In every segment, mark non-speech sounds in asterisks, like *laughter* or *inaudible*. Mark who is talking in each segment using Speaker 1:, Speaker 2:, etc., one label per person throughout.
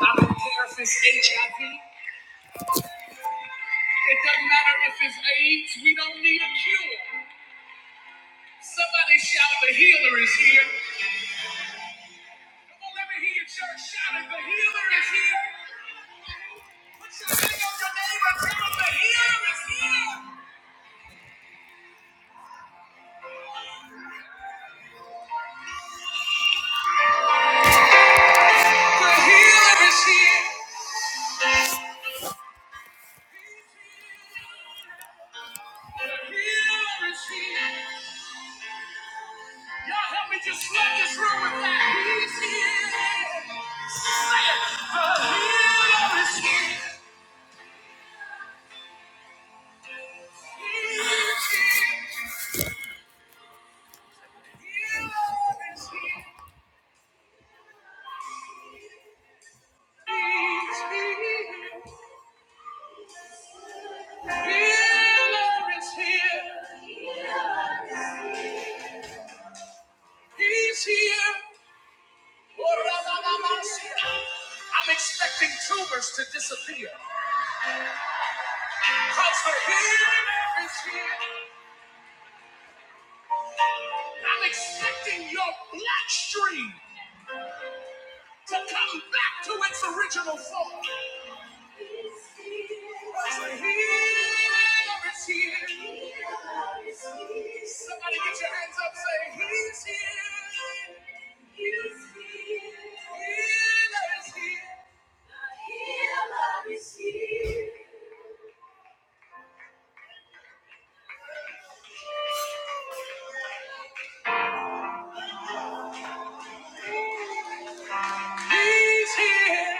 Speaker 1: I don't care if it's HIV. It doesn't matter if it's AIDS. We don't need a cure. Somebody shout, the healer is here. Come on, let me hear your church shouting, the healer is here. Put your hand on your neighbor, tell them the healer is here. The healer is here. The healer is here. Y'all help me just flood this room with that. He's here. Say it. The healer is here. He's here. Healer is here. He's here. Healer is here. He's here. I'm expecting tumors to disappear because the healer is here. I'm expecting your black stream to come back to its original form. Somebody get your hands up, say, He's here. He's here. healer is here. He's here.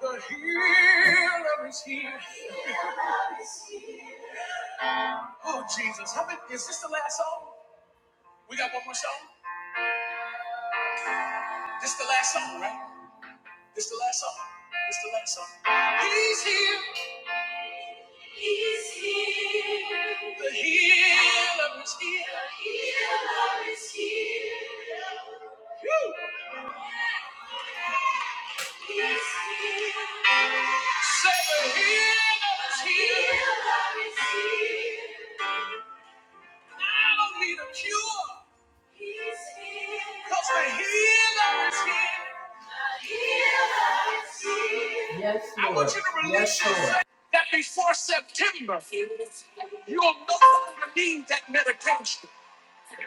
Speaker 1: The healer is here. Oh, Jesus. How many, is this the last song? We got one more song? This the last song, right? This the last song. This the last song. He's here. The healer is here. Woo! Say the healer is here. I don't need a cure, because the healer is here. That before September, you'll no longer need that medication. Come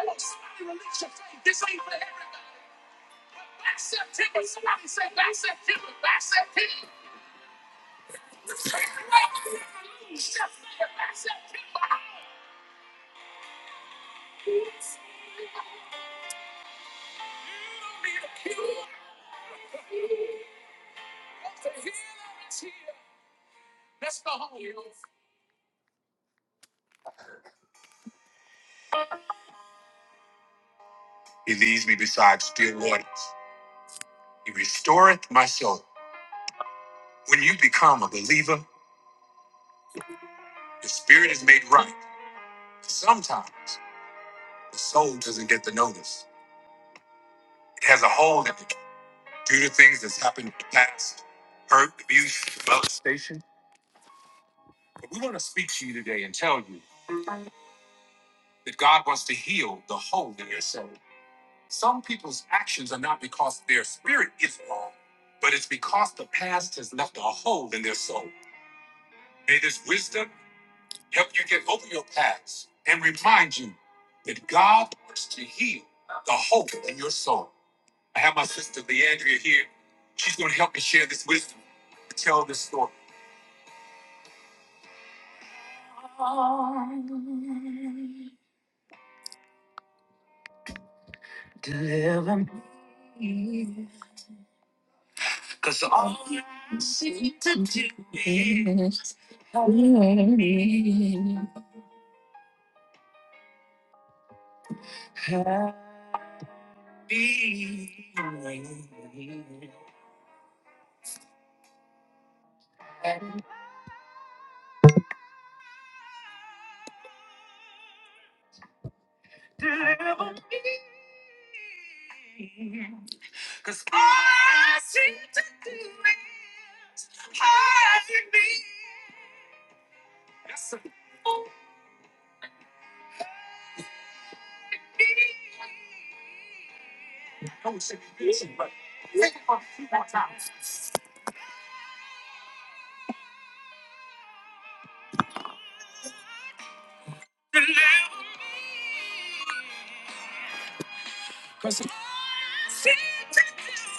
Speaker 1: on, somebody release your faith. This ain't for everybody. Back September, somebody say back September, back September. The healer is here. Let's go. I see, I see the healing.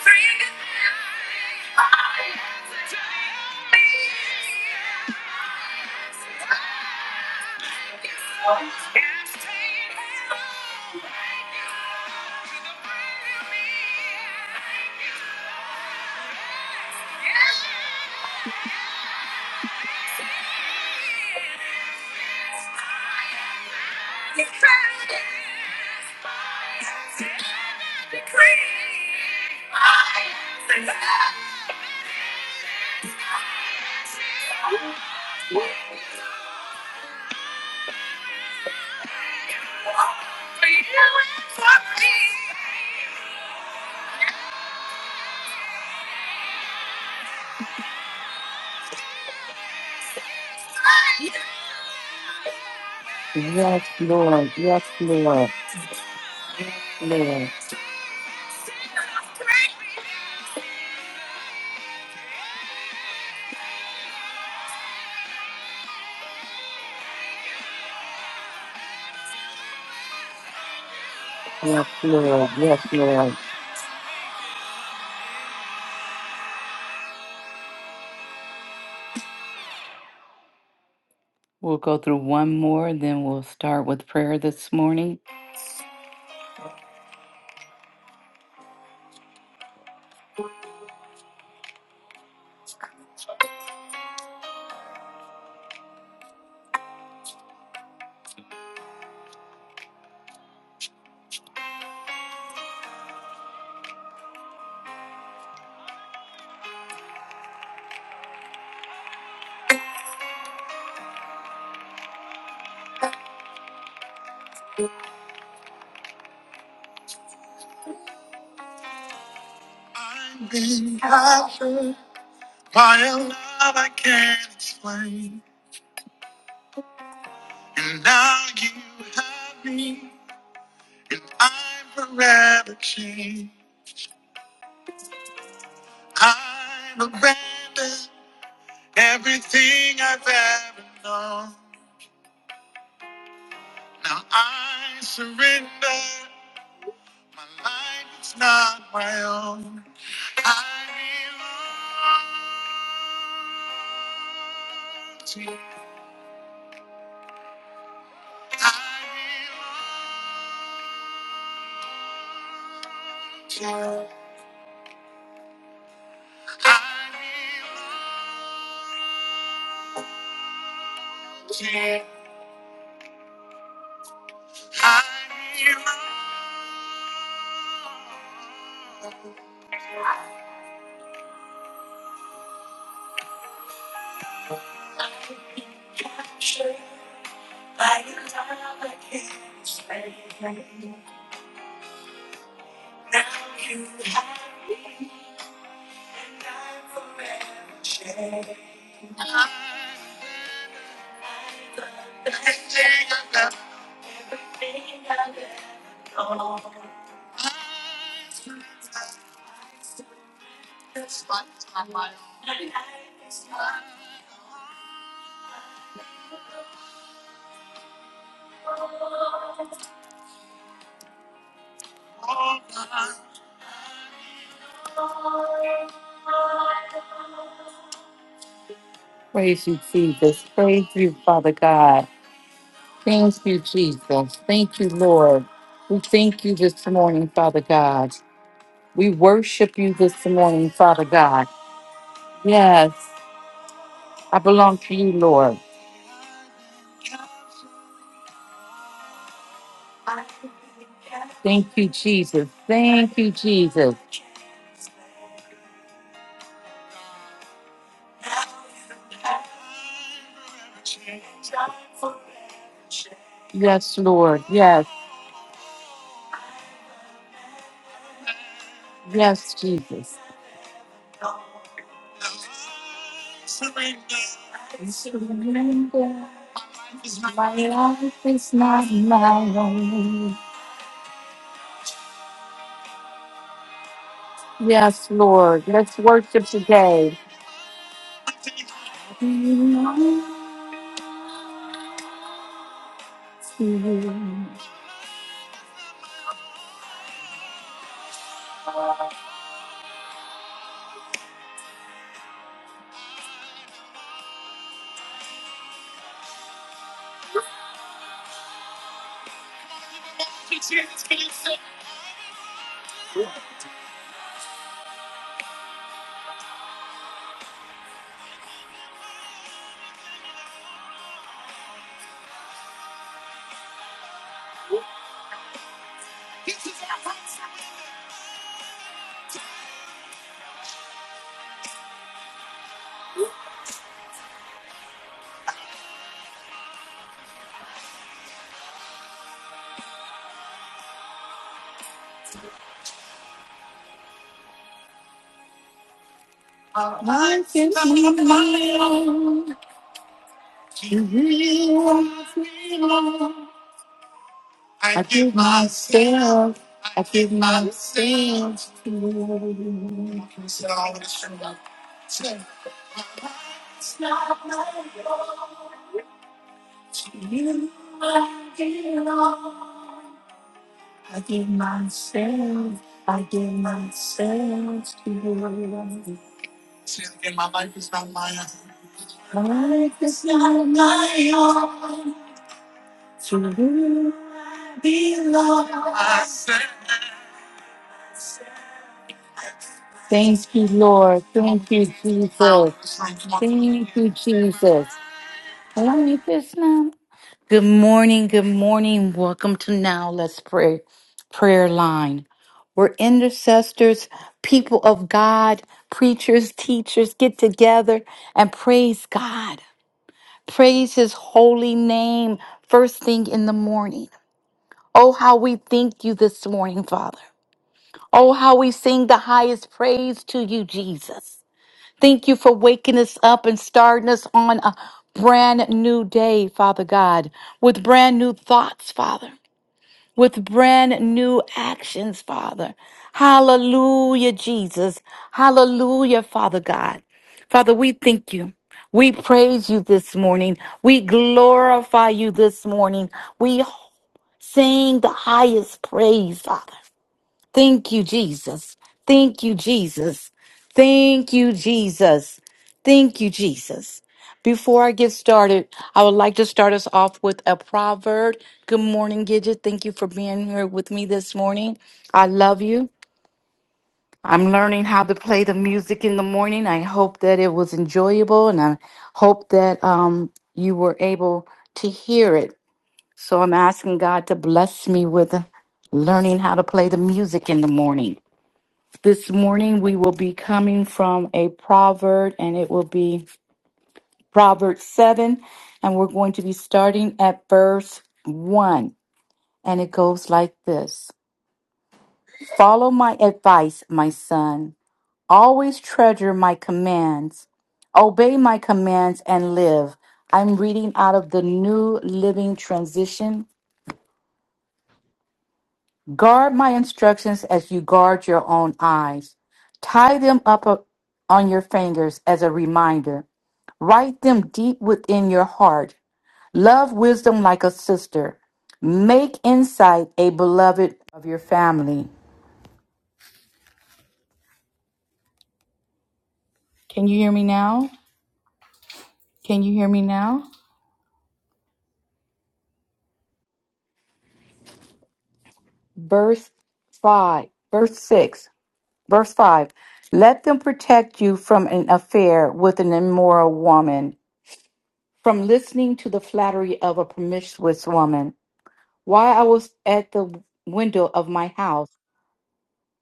Speaker 1: Bring it to me. Yes, take it from me. Yes, Lord. Yes, Lord. We'll go through one more, then we'll start with prayer this morning. I'm forever changed. I've abandoned everything I've ever known. Now I surrender. My life is not my own. I belong to you. I belong to you. I belong to you. I belong to you. Captured by your love, I can't stay. Now you have me, and I'm forever changed. Praise you, Jesus. Praise you, Father God. Thank you, Jesus. Thank you, Lord. We thank you this morning, Father God. We worship you this morning, Father God. Yes, I belong to you, Lord. Thank you, Jesus. Thank you, Jesus. Yes, Lord. Yes. Yes, Jesus. My life is not my own. Yes, Lord. Let's worship today. I give my state. I give my state. My life is not my own. Thank you, Lord. Thank you, Jesus. Thank you, Jesus. My Life is not. Good morning. Good morning. Welcome to Now Let's Pray Prayer Line. where intercessors, people of God, preachers, teachers get together and praise God. Praise his holy name first thing in the morning. Oh, how we thank you this morning, Father. Oh, how we sing the highest praise to you, Jesus. Thank you for waking us up and starting us on a brand new day, Father God, with brand new thoughts, Father with brand new actions, Father. Hallelujah, Jesus. Hallelujah, Father God. Father, we thank you. We praise you this morning. We glorify you this morning. We sing the highest praise, Father. Thank you, Jesus. Thank you, Jesus. Thank you, Jesus. Thank you, Jesus. Before I get started, I would like to start us off with a proverb. Good morning, Gidget. Thank you for being here with me this morning. I love you. I'm learning how to play the music in the morning. I hope that it was enjoyable and I hope that um, you were able to hear it. So I'm asking God to bless me with learning how to play the music in the morning. This morning we will be coming from a proverb and it will be Proverb 7 and we're going to be starting at verse 1 and it goes like this. Follow my advice, my son. Always treasure my commands. Obey my commands and live. I'm reading out of the New Living Transition. Guard my instructions as you guard your own eyes. Tie them up uh, on your fingers as a reminder. Write them deep within your heart. Love wisdom like a sister. Make insight a beloved of your family. Can you hear me now? Can you hear me now? Verse 5, verse 6, verse 5. Let them protect you from an affair with an immoral woman, from listening to the flattery of a promiscuous woman. While I was at the window of my house,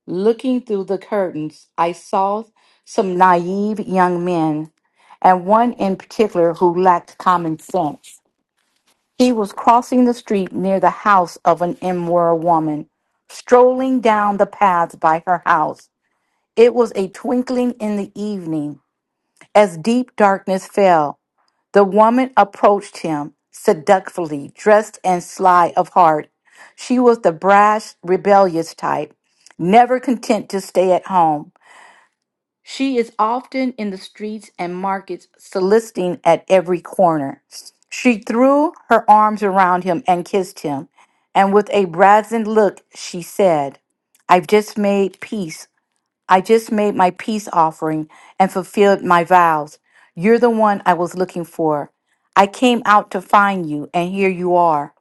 Speaker 1: Looking through the curtains, I saw some naive young men, and one in particular who lacked common sense. He was crossing the street near the house of an immoral woman, strolling down the path by her house. It was a twinkling in the evening. As deep darkness fell, the woman approached him seductively, dressed and sly of heart. She was the brash, rebellious type, never content to stay at home. She is often in the streets and markets soliciting at every corner. She threw her arms around him and kissed him, and with a brazen look she said, I've just made peace. I just made my peace offering and fulfilled my vows. You're the one I was looking for. I came out to find you, and here you are.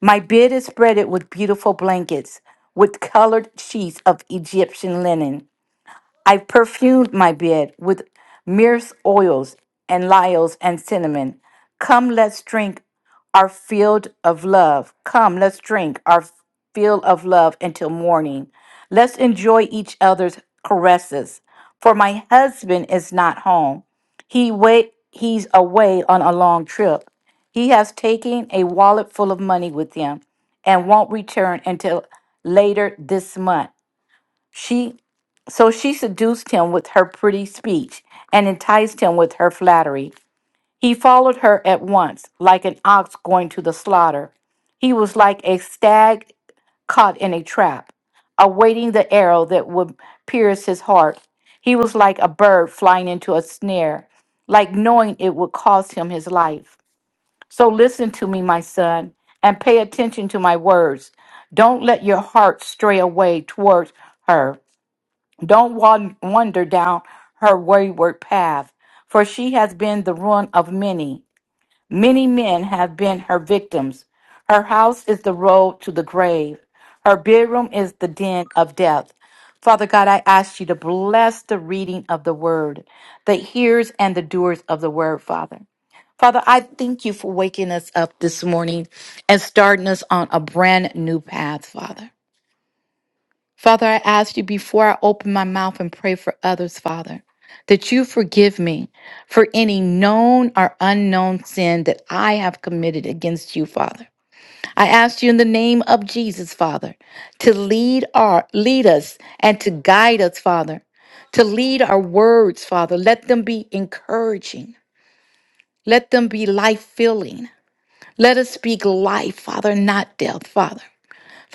Speaker 1: My bed is spreaded with beautiful blankets, with colored sheets of Egyptian linen. I perfumed my bed with myrrh oils and lyles and cinnamon. Come, let's drink our field of love. Come, let's drink our field of love until morning. Let's enjoy each other's caresses. For my husband is not home. He wait he's away on a long trip. He has taken a wallet full of money with him and won't return until later this month. She so she seduced him with her pretty speech and enticed him with her flattery. He followed her at once, like an ox going to the slaughter. He was like a stag caught in a trap, awaiting the arrow that would pierce his heart. He was like a bird flying into a snare, like knowing it would cost him his life. So listen to me, my son, and pay attention to my words. Don't let your heart stray away towards her don't wan- wander down her wayward path, for she has been the ruin of many. Many men have been her victims. Her house is the road to the grave, her bedroom is the den of death. Father God, I ask you to bless the reading of the word, the hearers and the doers of the word, Father. Father, I thank you for waking us up this morning and starting us on a brand new path, Father. Father, I ask you before I open my mouth and pray for others, Father, that you forgive me for any known or unknown sin that I have committed against you, Father. I ask you in the name of Jesus, Father, to lead our lead us and to guide us, Father, to lead our words, Father. Let them be encouraging. Let them be life-filling. Let us speak life, Father, not death, Father.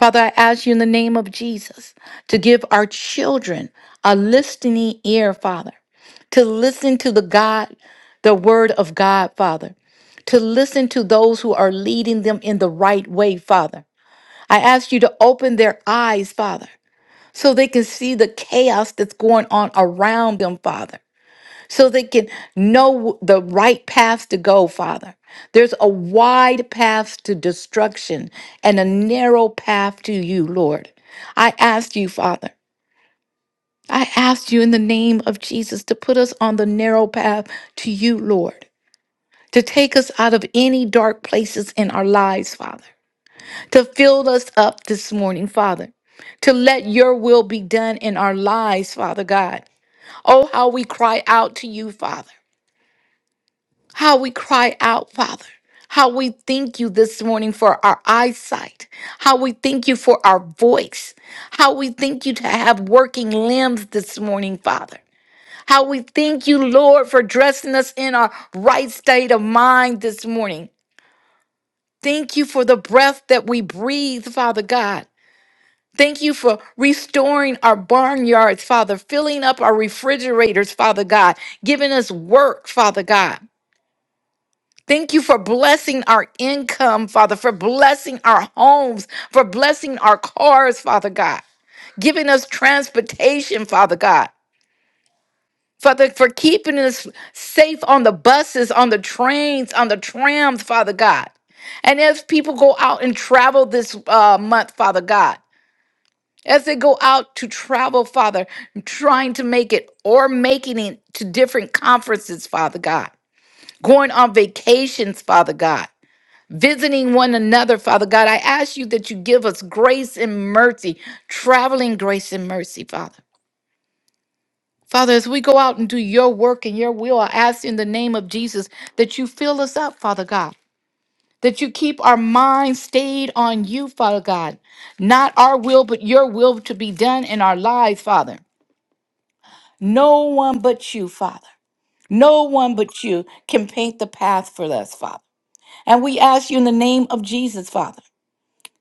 Speaker 1: Father, I ask you in the name of Jesus to give our children a listening ear, Father, to listen to the God, the word of God, Father, to listen to those who are leading them in the right way, Father. I ask you to open their eyes, Father, so they can see the chaos that's going on around them, Father so they can know the right path to go, Father. There's a wide path to destruction and a narrow path to you, Lord. I ask you, Father, I ask you in the name of Jesus to put us on the narrow path to you, Lord, to take us out of any dark places in our lives, Father, to fill us up this morning, Father, to let your will be done in our lives, Father God. Oh, how we cry out to you, Father. how we cry out, Father. How we thank you this morning for our eyesight. How we thank you for our voice. How we thank you to have working limbs this morning, Father. How we thank you, Lord, for dressing us in our right state of mind this morning. Thank you for the breath that we breathe, Father God. Thank you for restoring our barnyards, Father, filling up our refrigerators, Father God, giving us work, Father God. Thank you for blessing our income, Father, for blessing our homes, for blessing our cars, Father God, giving us transportation, Father God. Father, for keeping us safe on the buses, on the trains, on the trams, Father God. And as people go out and travel this uh, month, Father God, as they go out to travel, Father, trying to make it or making it to different conferences, Father God, going on vacations, Father God. visiting one another, Father God. I ask you that you give us grace and mercy, traveling grace and mercy, Father. Father, as we go out and do your work and your will, I ask in the name of Jesus that you fill us up, Father God, that you keep our minds stayed on you, Father God. Not our will, but your will to be done in our lives, Father. No one but you, Father. No one but you can paint the path for us, Father. And we ask you in the name of Jesus, Father,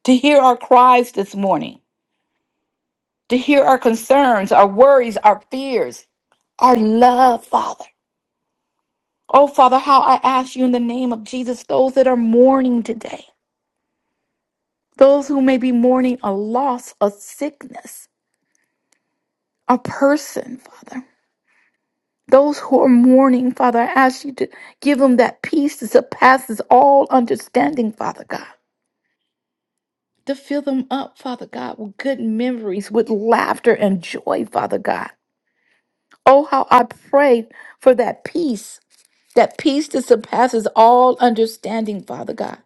Speaker 1: to hear our cries this morning to hear our concerns, our worries, our fears, our love, Father. Oh, Father, how I ask you in the name of Jesus, those that are mourning today, those who may be mourning a loss, a sickness, a person, Father. Those who are mourning, Father, I ask you to give them that peace that surpasses all understanding, Father God. To fill them up, Father God, with good memories, with laughter and joy, Father God. Oh, how I pray for that peace that peace that surpasses all understanding, Father God.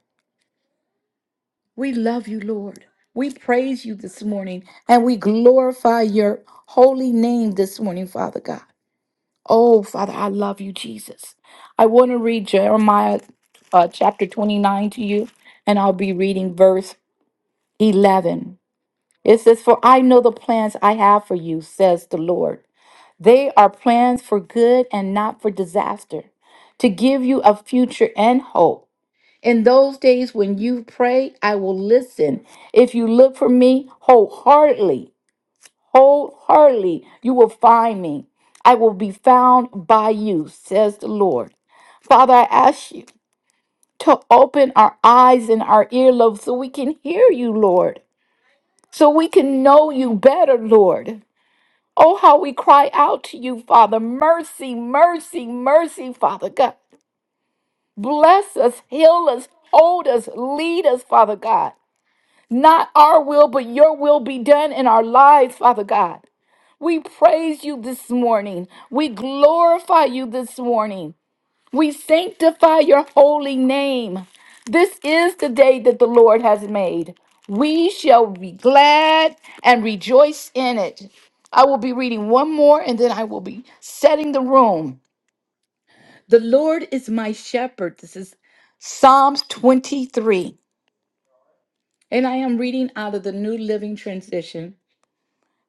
Speaker 1: We love you, Lord. We praise you this morning and we glorify your holy name this morning, Father God. Oh, Father, I love you, Jesus. I want to read Jeremiah uh, chapter 29 to you, and I'll be reading verse 11. It says, For I know the plans I have for you, says the Lord. They are plans for good and not for disaster, to give you a future and hope. In those days when you pray, I will listen. If you look for me wholeheartedly, wholeheartedly, you will find me. I will be found by you, says the Lord. Father, I ask you to open our eyes and our earlobes so we can hear you, Lord, so we can know you better, Lord. Oh, how we cry out to you, Father. Mercy, mercy, mercy, Father God. Bless us, heal us, hold us, lead us, Father God. Not our will, but your will be done in our lives, Father God. We praise you this morning. We glorify you this morning. We sanctify your holy name. This is the day that the Lord has made. We shall be glad and rejoice in it. I will be reading one more and then I will be setting the room. The Lord is my shepherd. This is Psalms 23. And I am reading out of the New Living Transition.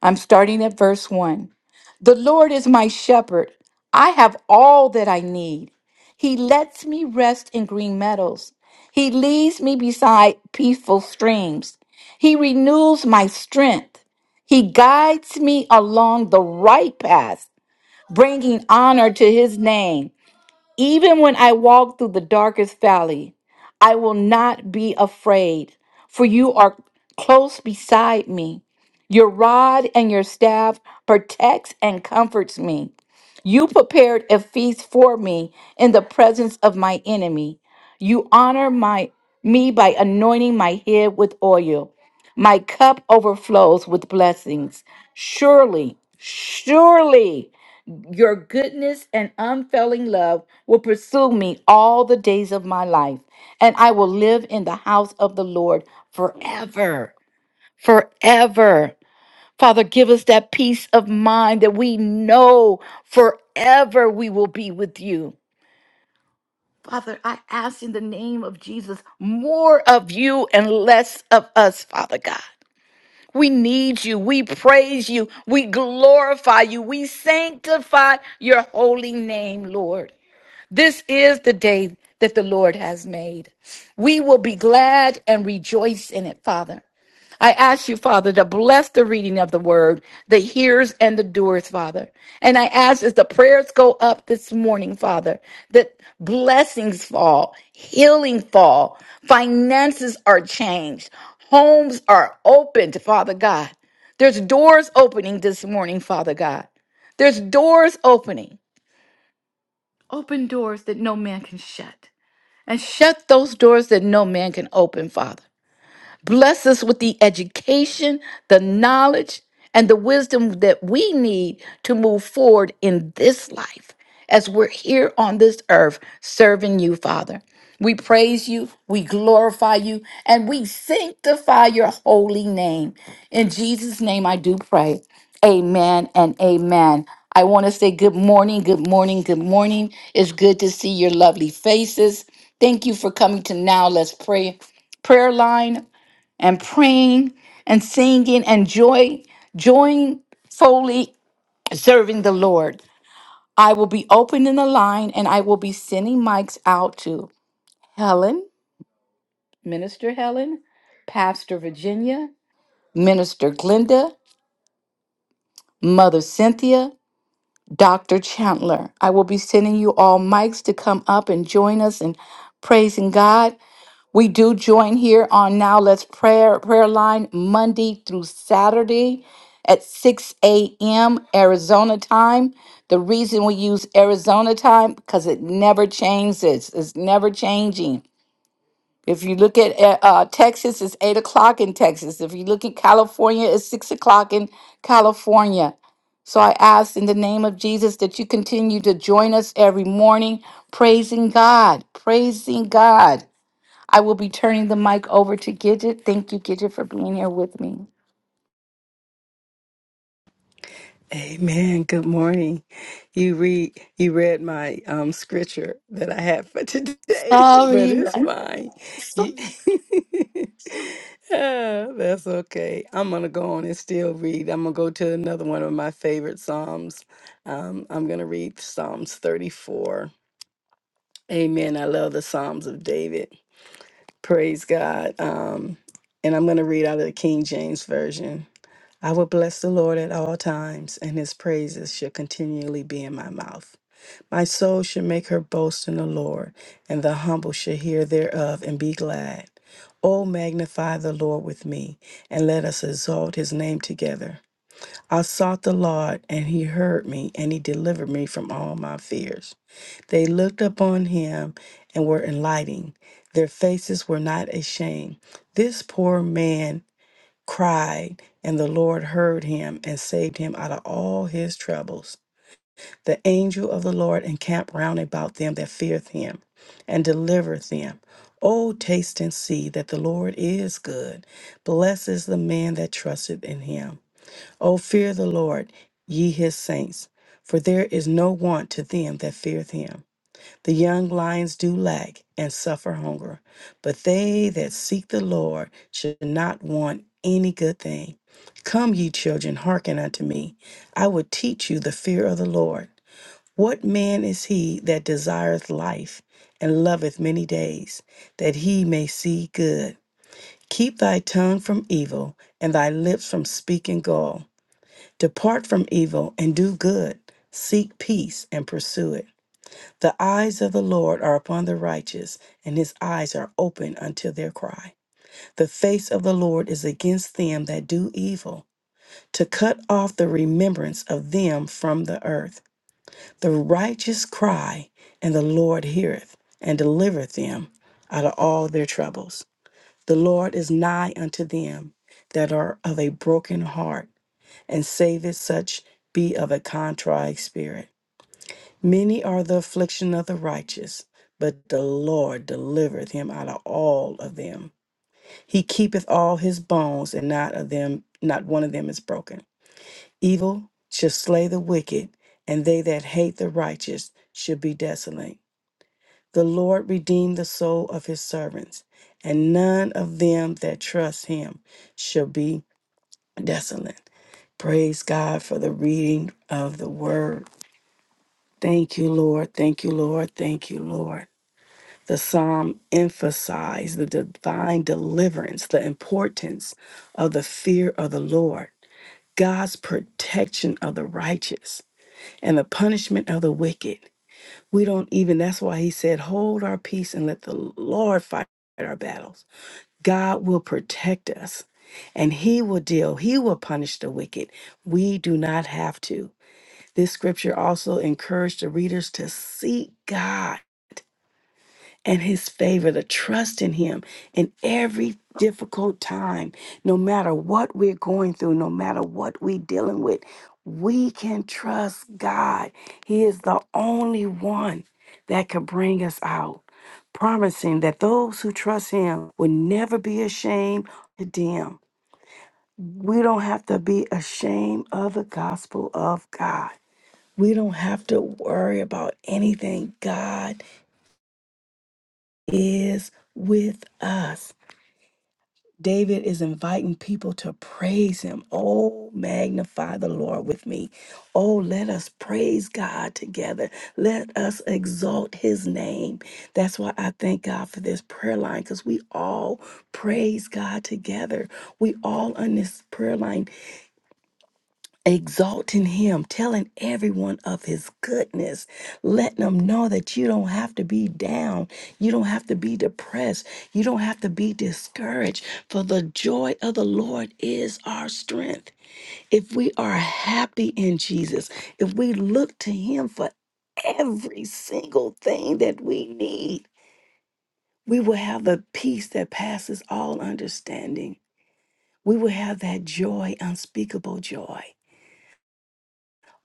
Speaker 1: I'm starting at verse 1. The Lord is my shepherd. I have all that I need. He lets me rest in green meadows. He leads me beside peaceful streams. He renews my strength. He guides me along the right path, bringing honor to his name. Even when I walk through the darkest valley, I will not be afraid, for you are close beside me. Your rod and your staff protects and comforts me. You prepared a feast for me in the presence of my enemy. You honor my me by anointing my head with oil. My cup overflows with blessings. Surely, surely your goodness and unfailing love will pursue me all the days of my life, and I will live in the house of the Lord forever. Forever. Father, give us that peace of mind that we know forever we will be with you. Father, I ask in the name of Jesus more of you and less of us, Father God. We need you. We praise you. We glorify you. We sanctify your holy name, Lord. This is the day that the Lord has made. We will be glad and rejoice in it, Father. I ask you, Father, to bless the reading of the word, the hearers and the doers, Father. And I ask as the prayers go up this morning, Father, that blessings fall, healing fall, finances are changed, homes are opened, Father God. There's doors opening this morning, Father God. There's doors opening, open doors that no man can shut and shut those doors that no man can open, Father. Bless us with the education, the knowledge, and the wisdom that we need to move forward in this life as we're here on this earth serving you, Father. We praise you, we glorify you, and we sanctify your holy name. In Jesus' name, I do pray. Amen and amen. I want to say good morning, good morning, good morning. It's good to see your lovely faces. Thank you for coming to Now Let's Pray prayer line and praying and singing and joy, joyfully serving the Lord. I will be opening the line and I will be sending mics out to Helen, Minister Helen, Pastor Virginia, Minister Glenda, Mother Cynthia, Dr. Chandler. I will be sending you all mics to come up and join us in praising God. We do join here on Now Let's Prayer prayer line Monday through Saturday at 6 a.m. Arizona time. The reason we use Arizona time because it never changes. It's never changing. If you look at uh, uh, Texas, it's eight o'clock in Texas. If you look at California, it's six o'clock in California. So I ask in the name of Jesus that you continue to join us every morning, praising God, praising God. I will be turning the mic over to Gidget. Thank you, Gidget, for being here with me.
Speaker 2: Amen. Good morning. You read you read my um scripture that I have for today, *laughs* but
Speaker 1: Sorry.
Speaker 2: it's
Speaker 1: I'm
Speaker 2: fine.
Speaker 1: so-
Speaker 2: You- *laughs* Ah, that's okay. I'm gonna go on and still read. I'm gonna go to another one of my favorite Psalms. Um, I'm gonna read Psalms 34. Amen. I love the Psalms of David. Praise God. Um, and I'm gonna read out of the King James Version. I will bless the Lord at all times, and his praises shall continually be in my mouth. My soul shall make her boast in the Lord, and the humble shall hear thereof and be glad. O magnify the Lord with me, and let us exalt his name together. I sought the Lord, and he heard me, and he delivered me from all my fears. They looked upon him and were enlightened. Their faces were not ashamed. This poor man cried, and the Lord heard him and saved him out of all his troubles. The angel of the Lord encamped round about them that feareth him and delivereth them. O taste and see that the Lord is good. Blessed is the man that trusteth in him. O fear the Lord, ye his saints, for there is no want to them that feareth him. The young lions do lack and suffer hunger, but they that seek the Lord should not want any good thing. Come, ye children, hearken unto me. I will teach you the fear of the Lord. What man is he that desireth life and loveth many days, that he may see good? Keep thy tongue from evil and thy lips from speaking gall. Depart from evil and do good. Seek peace and pursue it. The eyes of the Lord are upon the righteous, and his eyes are open unto their cry. The face of the Lord is against them that do evil, to cut off the remembrance of them from the earth. The righteous cry, and the Lord heareth, and delivereth them out of all their troubles. The Lord is nigh unto them that are of a broken heart, and saveth such be of a contrite spirit. Many are the affliction of the righteous, but the Lord delivereth him out of all of them. He keepeth all his bones, and not of them, not one of them is broken. Evil shall slay the wicked, and they that hate the righteous shall be desolate. The Lord redeemed the soul of his servants, and none of them that trust him shall be desolate. Praise God for the reading of the word. Thank you, Lord. Thank you, Lord. Thank you, Lord. The psalm emphasized the divine deliverance, the importance of the fear of the Lord, God's protection of the righteous, and the punishment of the wicked. We don't even, that's why he said, hold our peace and let the Lord fight our battles. God will protect us and he will deal, he will punish the wicked. We do not have to. This scripture also encouraged the readers to seek God and his favor, to trust in him in every difficult time, no matter what we're going through, no matter what we're dealing with. We can trust God. He is the only one that can bring us out, promising that those who trust him will never be ashamed or condemned. We don't have to be ashamed of the gospel of God. We don't have to worry about anything. God is with us. David is inviting people to praise him. Oh, magnify the Lord with me. Oh, let us praise God together. Let us exalt his name. That's why I thank God for this prayer line because we all praise God together. We all on this prayer line exalting him, telling everyone of his goodness, letting them know that you don't have to be down, you don't have to be depressed, you don't have to be discouraged, for the joy of the Lord is our strength. If we are happy in Jesus, if we look to him for every single thing that we need, we will have the peace that passes all understanding. We will have that joy, unspeakable joy.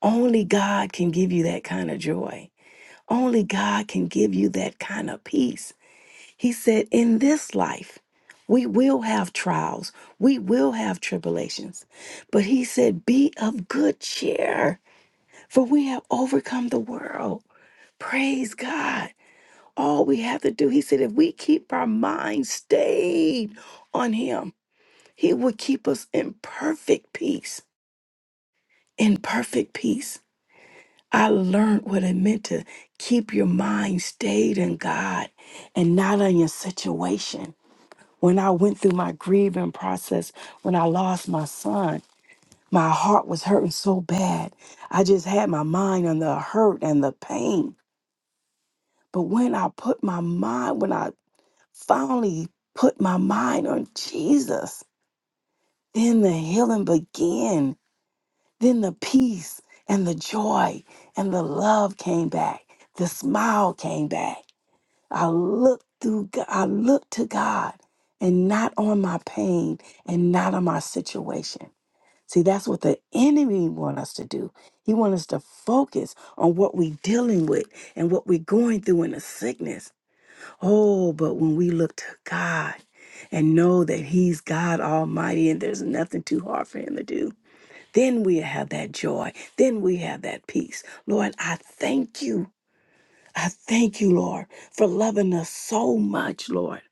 Speaker 2: Only God can give you that kind of joy. Only God can give you that kind of peace. He said, In this life, we will have trials, we will have tribulations. But He said, Be of good cheer, for we have overcome the world. Praise God. All we have to do, He said, if we keep our minds stayed on Him, He will keep us in perfect peace. In perfect peace. I learned what it meant to keep your mind stayed in God and not on your situation. When I went through my grieving process, when I lost my son, my heart was hurting so bad. I just had my mind on the hurt and the pain. But when I put my mind, when I finally put my mind on Jesus, then the healing began. Then the peace and the joy and the love came back. The smile came back I look through, G- I look to God and not on my pain and not on my situation. See, that's what the enemy want us to do. He want us to focus on what we dealing with and what we're going through in the sickness. Oh, but when we look to God and know that He's God Almighty and there's nothing too hard for Him to do, then we have that joy. Then we have that peace. Lord, I thank you I thank you, Lord, for loving us so much, Lord.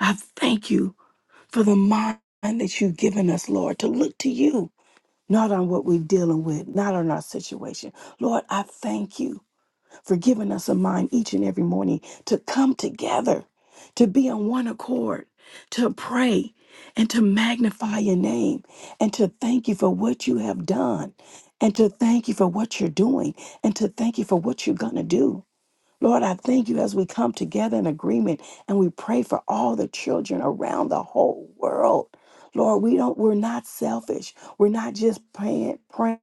Speaker 2: I thank you for the mind that you've given us, Lord, to look to you, not on what we're dealing with, not on our situation. Lord, I thank you for giving us a mind each and every morning to come together, to be on one accord, to pray and to magnify your name and to thank you for what you have done and to thank you for what you're doing and to thank you for what you're going to do. Lord, I thank you as we come together in agreement and we pray for all the children around the whole world. Lord, we don't we're not selfish. We're not just praying praying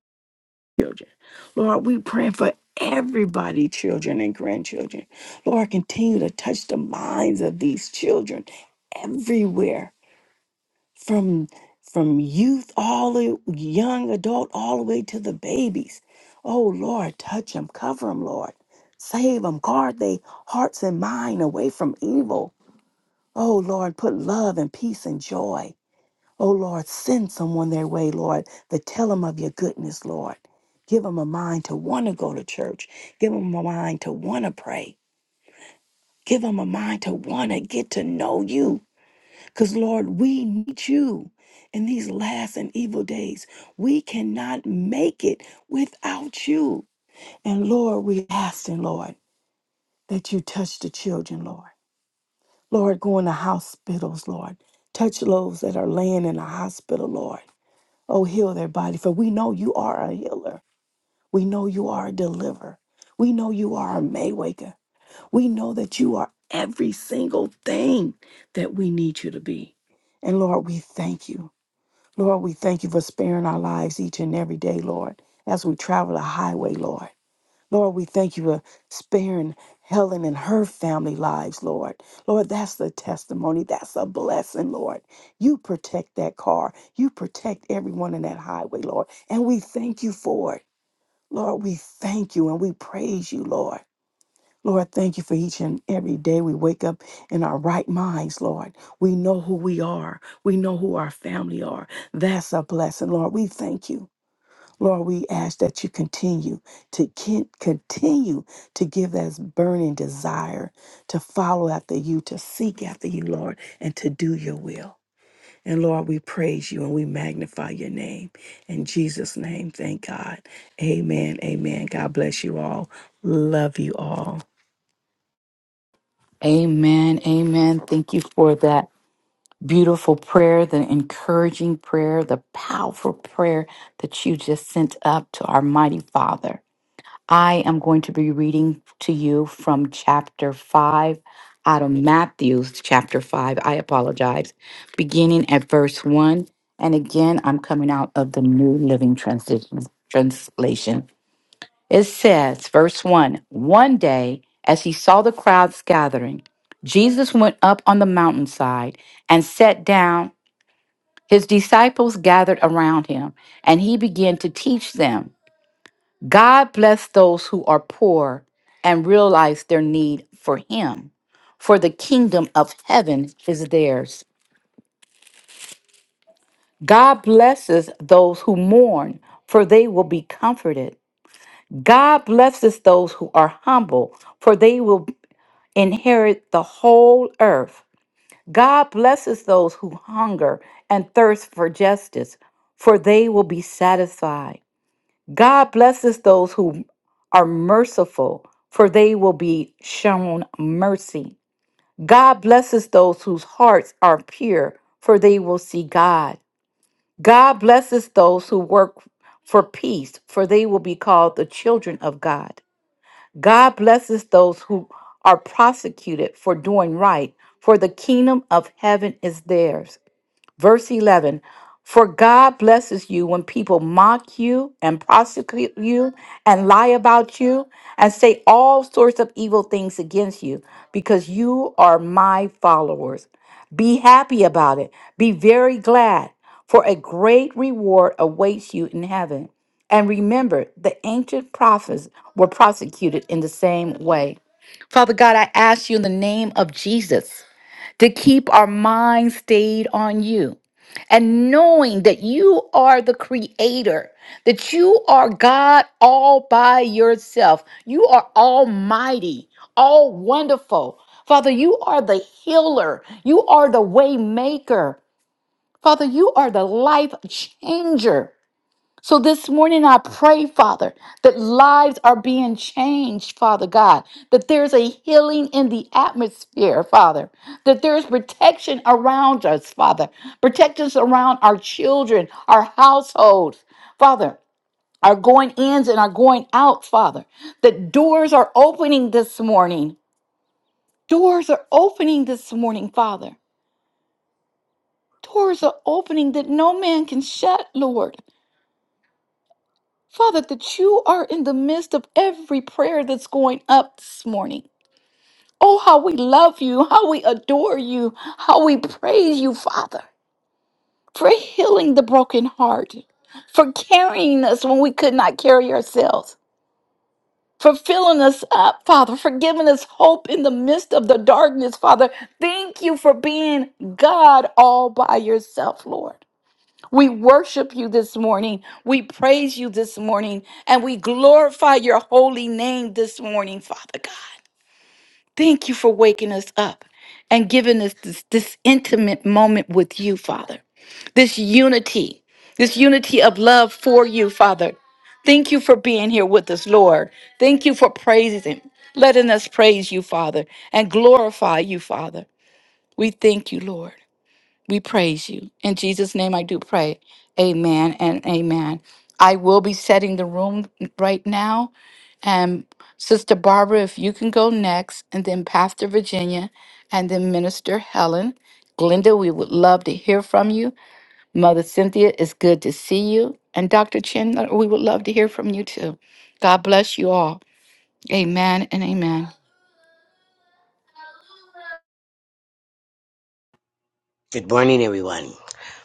Speaker 2: for children. Lord, we praying for everybody, children and grandchildren. Lord, continue to touch the minds of these children everywhere from from youth all the young adult all the way to the babies oh lord touch them cover them lord save them guard their hearts and mind away from evil oh lord put love and peace and joy oh lord send someone their way lord to tell them of your goodness lord give them a mind to want to go to church give them a mind to want to pray give them a mind to want to get to know you because, Lord, we need you in these last and evil days. We cannot make it without you. And, Lord, we asking, Lord, that you touch the children, Lord. Lord, go into hospitals, Lord. Touch those that are laying in a hospital, Lord. Oh, heal their body, for we know you are a healer. We know you are a deliverer. We know you are a Maywaker. We know that you are every single thing that we need you to be. And Lord, we thank you. Lord, we thank you for sparing our lives each and every day, Lord, as we travel the highway, Lord. Lord, we thank you for sparing Helen and her family lives, Lord. Lord, that's the testimony. That's a blessing, Lord. You protect that car. You protect everyone in that highway, Lord. And we thank you for it. Lord, we thank you and we praise you, Lord. Lord, thank you for each and every day we wake up in our right minds, Lord. We know who we are. We know who our family are. That's a blessing, Lord. We thank you. Lord, we ask that you continue to kin- continue to give us burning desire to follow after you, to seek after you, Lord, and to do your will. And Lord, we praise you and we magnify your name. In Jesus' name, thank God. Amen. Amen. God bless you all. Love you all.
Speaker 1: Amen. Amen. Thank you for that beautiful prayer, the encouraging prayer, the powerful prayer that you just sent up to our mighty Father. I am going to be reading to you from chapter 5 out of Matthew's chapter 5. I apologize. Beginning at verse 1. And again, I'm coming out of the New Living Transition, Translation. It says, verse 1 One day, as he saw the crowds gathering, Jesus went up on the mountainside and sat down. His disciples gathered around him, and he began to teach them. God bless those who are poor and realize their need for him, for the kingdom of heaven is theirs. God blesses those who mourn, for they will be comforted. God blesses those who are humble, for they will inherit the whole earth. God blesses those who hunger and thirst for justice, for they will be satisfied. God blesses those who are merciful, for they will be shown mercy. God blesses those whose hearts are pure, for they will see God. God blesses those who work for peace, for they will be called the children of God. God blesses those who are prosecuted for doing right, for the kingdom of heaven is theirs. Verse 11 For God blesses you when people mock you and prosecute you and lie about you and say all sorts of evil things against you because you are my followers. Be happy about it. Be very glad, for a great reward awaits you in heaven. And remember, the ancient prophets were prosecuted in the same way. Father God, I ask you in the name of Jesus to keep our minds stayed on you. And knowing that you are the creator, that you are God all by yourself, you are almighty, all wonderful. Father, you are the healer, you are the way maker. Father, you are the life changer. So this morning, I pray, Father, that lives are being changed, Father God, that there's a healing in the atmosphere, Father, that there's protection around us, Father, protect us around our children, our households, Father. Our going ins and our going out, Father, that doors are opening this morning. Doors are opening this morning, Father. Doors are opening that no man can shut, Lord. Father, that you are in the midst of every prayer that's going up this morning. Oh, how we love you, how we adore you, how we praise you, Father, for healing the broken heart, for carrying us when we could not carry ourselves, for filling us up, Father, for giving us hope in the midst of the darkness, Father. Thank you for being God all by yourself, Lord. We worship you this morning. We praise you this morning. And we glorify your holy name this morning, Father God. Thank you for waking us up and giving us this, this intimate moment with you, Father. This unity, this unity of love for you, Father. Thank you for being here with us, Lord. Thank you for praising, letting us praise you, Father, and glorify you, Father. We thank you, Lord. We praise you. In Jesus' name, I do pray. Amen and amen. I will be setting the room right now. And Sister Barbara, if you can go next, and then Pastor Virginia, and then Minister Helen. Glenda, we would love to hear from you. Mother Cynthia, it's good to see you. And Dr. Chandler, we would love to hear from you too. God bless you all. Amen and amen.
Speaker 3: Good morning, everyone.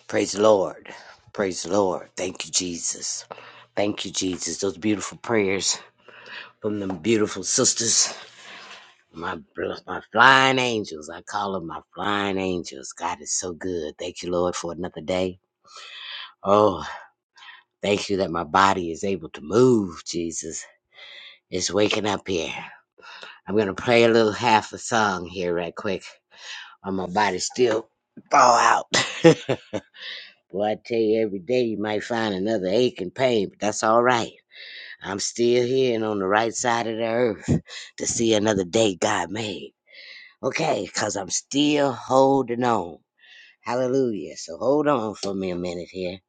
Speaker 3: Praise the Lord. Praise the Lord. Thank you, Jesus. Thank you, Jesus. Those beautiful prayers from them beautiful sisters, my my flying angels. I call them my flying angels. God is so good. Thank you, Lord, for another day. Oh, thank you that my body is able to move. Jesus, it's waking up here. I'm gonna play a little half a song here, right quick, while my body still thaw out. *laughs* Boy, I tell you, every day you might find another ache and pain, but that's all right. I'm still here and on the right side of the earth *laughs* to see another day God made. Okay, because I'm still holding on. Hallelujah. So hold on for me a minute here.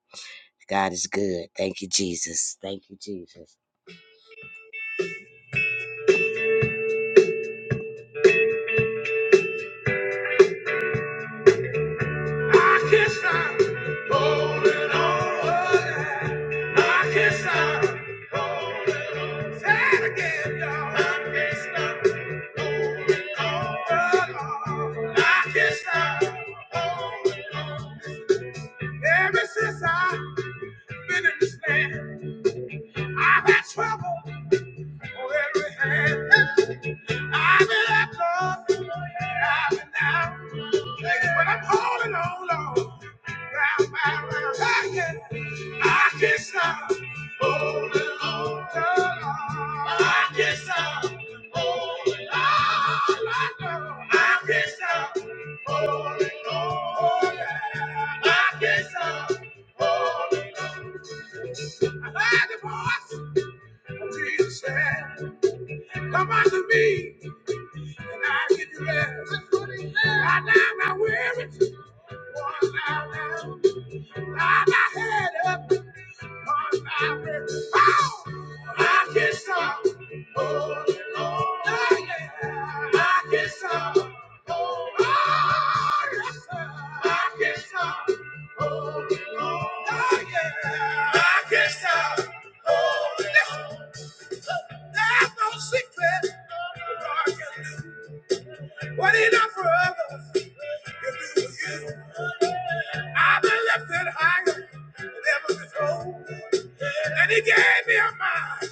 Speaker 3: God is good. Thank you, Jesus. Thank you, Jesus. I can't stop holding on. I can't stop holding on. Say it again, y'all. I can't stop holding on. I can't stop holding on. Ever since I've been in this land, I've had trouble. I heard the voice of Jesus said. Come unto me, and I give you rest. I now my weary, one now down, I my head up, one now weary. Oh, I can stop. Oh, Lord, Oh yeah. I can stop. Oh, oh yes, sir. I can stop. Oh, Lord, Oh yeah. I can stop. Oh, yes. There's no secret God can do what He done for others. He'll do for you. I've been lifted higher than ever before, and He gave me a mind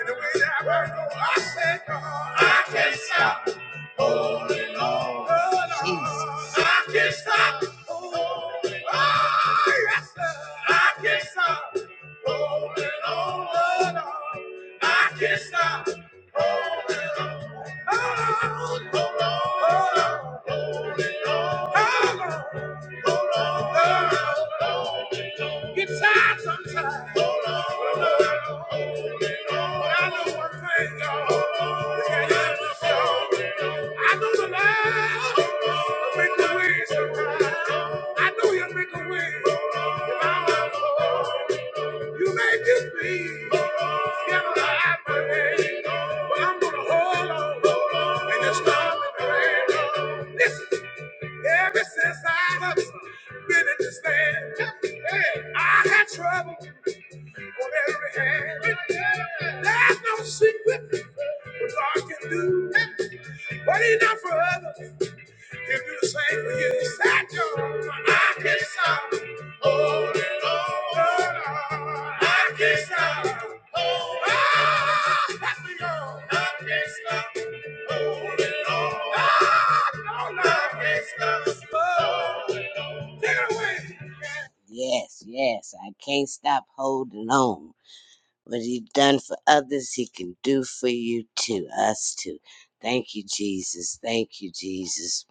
Speaker 3: in the way that I won't go. I said, God, I can't stop. holding on. Jesus, I can't stop. Oh, yes, sir. I can't stop. Rolling on, Lord, on. I can't stop. Rolling on. Oh, Lord, oh, Lord, oh, Lord, oh, Lord. It's sad sometimes. Hold on, hold on, hold on. But I know one thing, y'all. It's got love to be so. I know the Lord will make a way sometime. I know He'll make a way if I'm alone. You may just be scared of the happening, but I'm gonna hold on in the storm and the rain. Listen. Ever since I've been in this land, hey, I had trouble on every hand. There's no secret what God can do, but He not for others. It's been the same for years. I I can't stop. Oh, Lord, I can't stop. Oh, I have I can't stop. Oh, Lord, I no, no, I can't stop. Oh, Lord, take it away. Yes, yes, I can't stop holding on. What he done for others, he can do for you too, us too. Thank you, Jesus. Thank you, Jesus.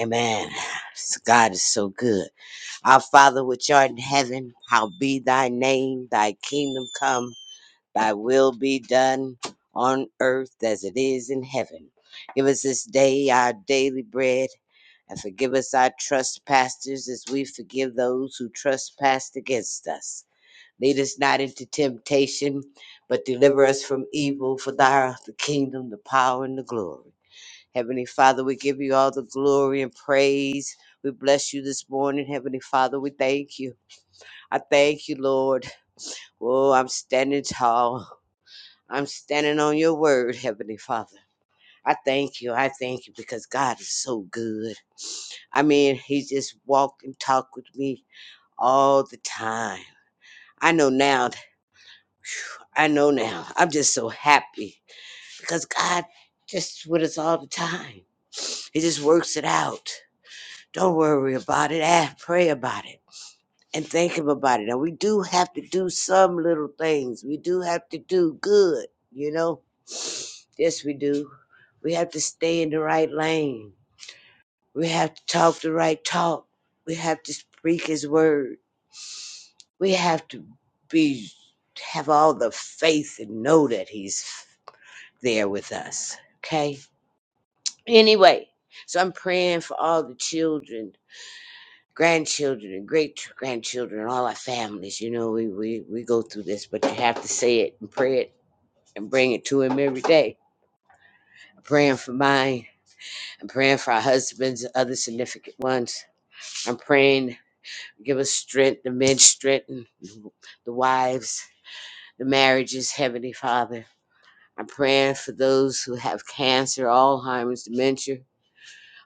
Speaker 3: Amen. *sighs* God is so good. Our Father which art in heaven, hallowed be thy name, thy kingdom come, thy will be done on earth as it is in heaven. Give us this day our daily bread, and forgive us our trespasses as we forgive those who trespass against us Lead us not into temptation, but deliver us from evil. For thou art the kingdom, the power, and the glory. Heavenly Father, we give you all the glory and praise. We bless you this morning, Heavenly Father. We thank you. I thank you, Lord. Oh, I'm standing tall. I'm standing on your word, Heavenly Father. I thank you. I thank you because God is so good. I mean, He just walked and talked with me all the time. I know now. I know now. I'm just so happy because God just with us all the time. He just works it out. Don't worry about it. Ask, pray about it and think about it. And we do have to do some little things. We do have to do good, you know? *sniffs* Yes, we do. We have to stay in the right lane. We have to talk the right talk. We have to speak his word. We have to be have all the faith and know that he's there with us. Okay? Anyway, so I'm praying for all the children, grandchildren, and great grandchildren, and all our families. You know, we, we, we go through this, but you have to say it and pray it and bring it to Him every day. I'm praying for mine. I'm praying for our husbands, and other significant ones. I'm praying, give us strength, the men strength, and the wives, the marriages, Heavenly Father. I'm praying for those who have cancer, Alzheimer's, dementia.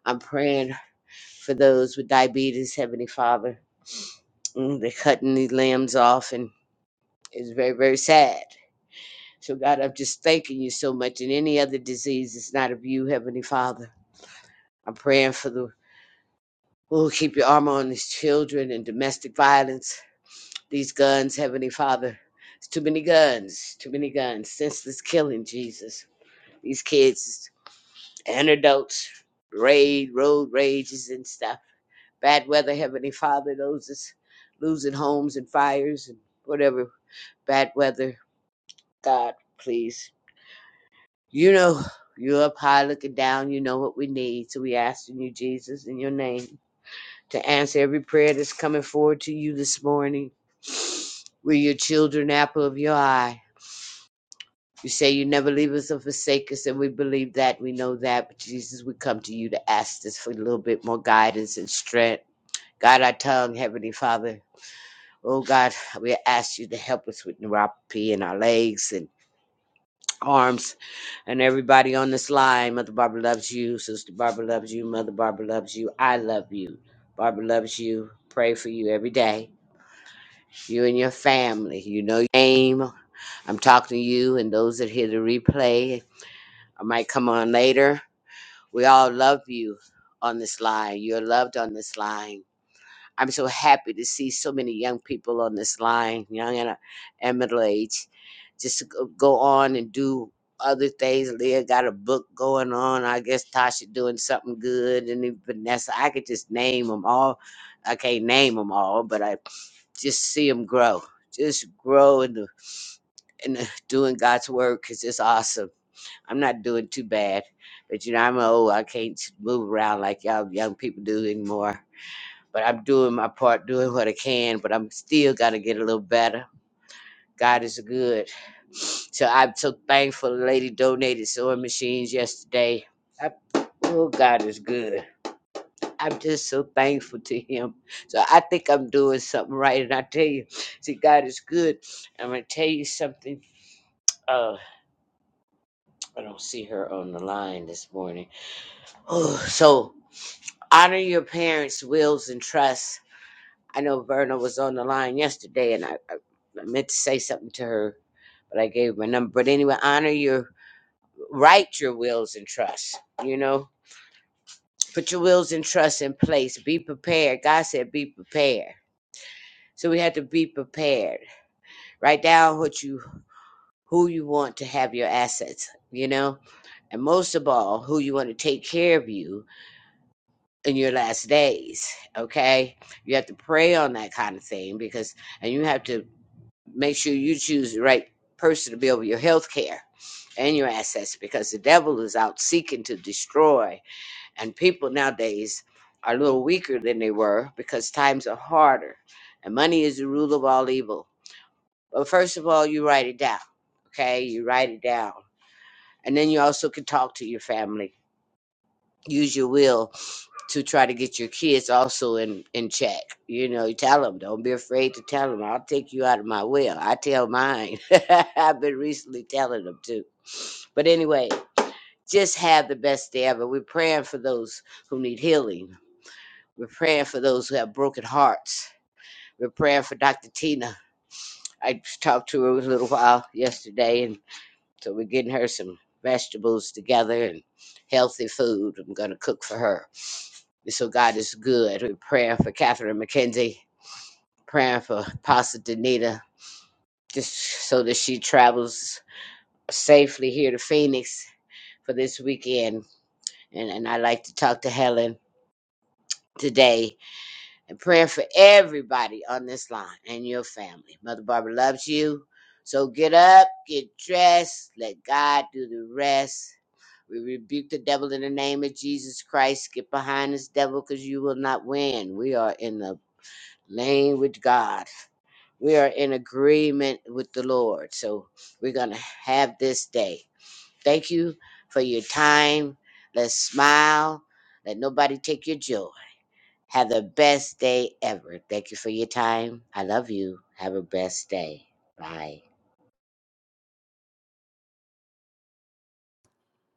Speaker 3: I'm praying for those with diabetes, Heavenly Father. Mm, They're cutting these limbs off, and it's very, very sad. So, God, I'm just thanking you so much. And any other disease, it's not of you, Heavenly Father. I'm praying for the, oh, keep your armor on these children and domestic violence, these guns, Heavenly Father. It's too many guns, too many guns, senseless killing, Jesus. These kids, antidotes, raid, road rages and stuff. Bad weather, Heavenly Father, those is losing homes and fires and whatever bad weather God, please. You know, you're up high looking down. You know what we need. So we asking you, Jesus, in your name, to answer every prayer that's coming forward to you this morning. We're your children, apple of your eye. You say you never leave us or forsake us, and we believe that. We know that. But Jesus, we come to you to ask this for a little bit more guidance and strength. God, our tongue, Heavenly Father. Oh God, we ask you to help us with neuropathy in our legs and. arms and everybody on this line. Mother Barbara loves you. Sister Barbara loves you. Mother Barbara loves you. I love you. Barbara loves you. Pray for you every day. You and your family. You know your name. I'm talking to you and those that hear the replay. I might come on later. We all love you on this line. You're loved on this line. I'm so happy to see so many young people on this line, young and, uh, and middle age, just to go go on and do other things. Leah got a book going on. I guess Tasha doing something good, and then Vanessa. I could just name them all. I can't name them all, but I just see them grow. Just grow in the, in the doing God's work is just awesome. I'm not doing too bad, but you know I'm old. I can't move around like y'all young people do anymore but I'm doing my part, doing what I can, but I'm still got to get a little better. God is good. So I'm so thankful the lady donated sewing machines yesterday. I, oh, God is good. I'm just so thankful to Him. So I think I'm doing something right. And I tell you, see, God is good. I'm going to tell you something. Uh, I don't see her on the line this morning. *sighs* Oh, so honor your parents' wills and trusts I know Verna was on the line yesterday, and I, I meant to say something to her, but I gave her my number. But anyway, honor your write your wills and trusts. You know, put your wills and trusts in place. Be prepared. God said, be prepared. So we have to be prepared. Write down what you who you want to have your assets. You know, and most of all, who you want to take care of you in your last days. Okay, you have to pray on that kind of thing because, and you have to. make sure you choose the right person to build your health care and your assets because the devil is out seeking to destroy. And people nowadays are a little weaker than they were because times are harder and money is the rule of all evil. But first of all, you write it down, okay? You write it down. And then you also can talk to your family. Use your will to try to get your kids also in in check. You know, you tell them, don't be afraid to tell them. I'll take you out of my will. I tell mine. *laughs* I've been recently telling them too. But anyway, just have the best day ever. We're praying for those who need healing. We're praying for those who have broken hearts. We're praying for Dr. Tina. I talked to her a little while yesterday, and so we're getting her some vegetables together and healthy food. I'm going to cook for her So God is good. We're praying for Catherine McKenzie, praying for Pastor Danita, just so that she travels safely here to Phoenix for this weekend. And, and I like to talk to Helen today and praying for everybody on this line and your family. Mother Barbara loves you. So get up, get dressed, let God do the rest. We rebuke the devil in the name of Jesus Christ. Get behind this devil because you will not win. We are in the Main with God. We are in agreement with the Lord. So we're going to have this day. Thank you for your time. Let's smile. Let nobody take your joy. Have the best day ever. Thank you for your time. I love you. Have a best day. Bye.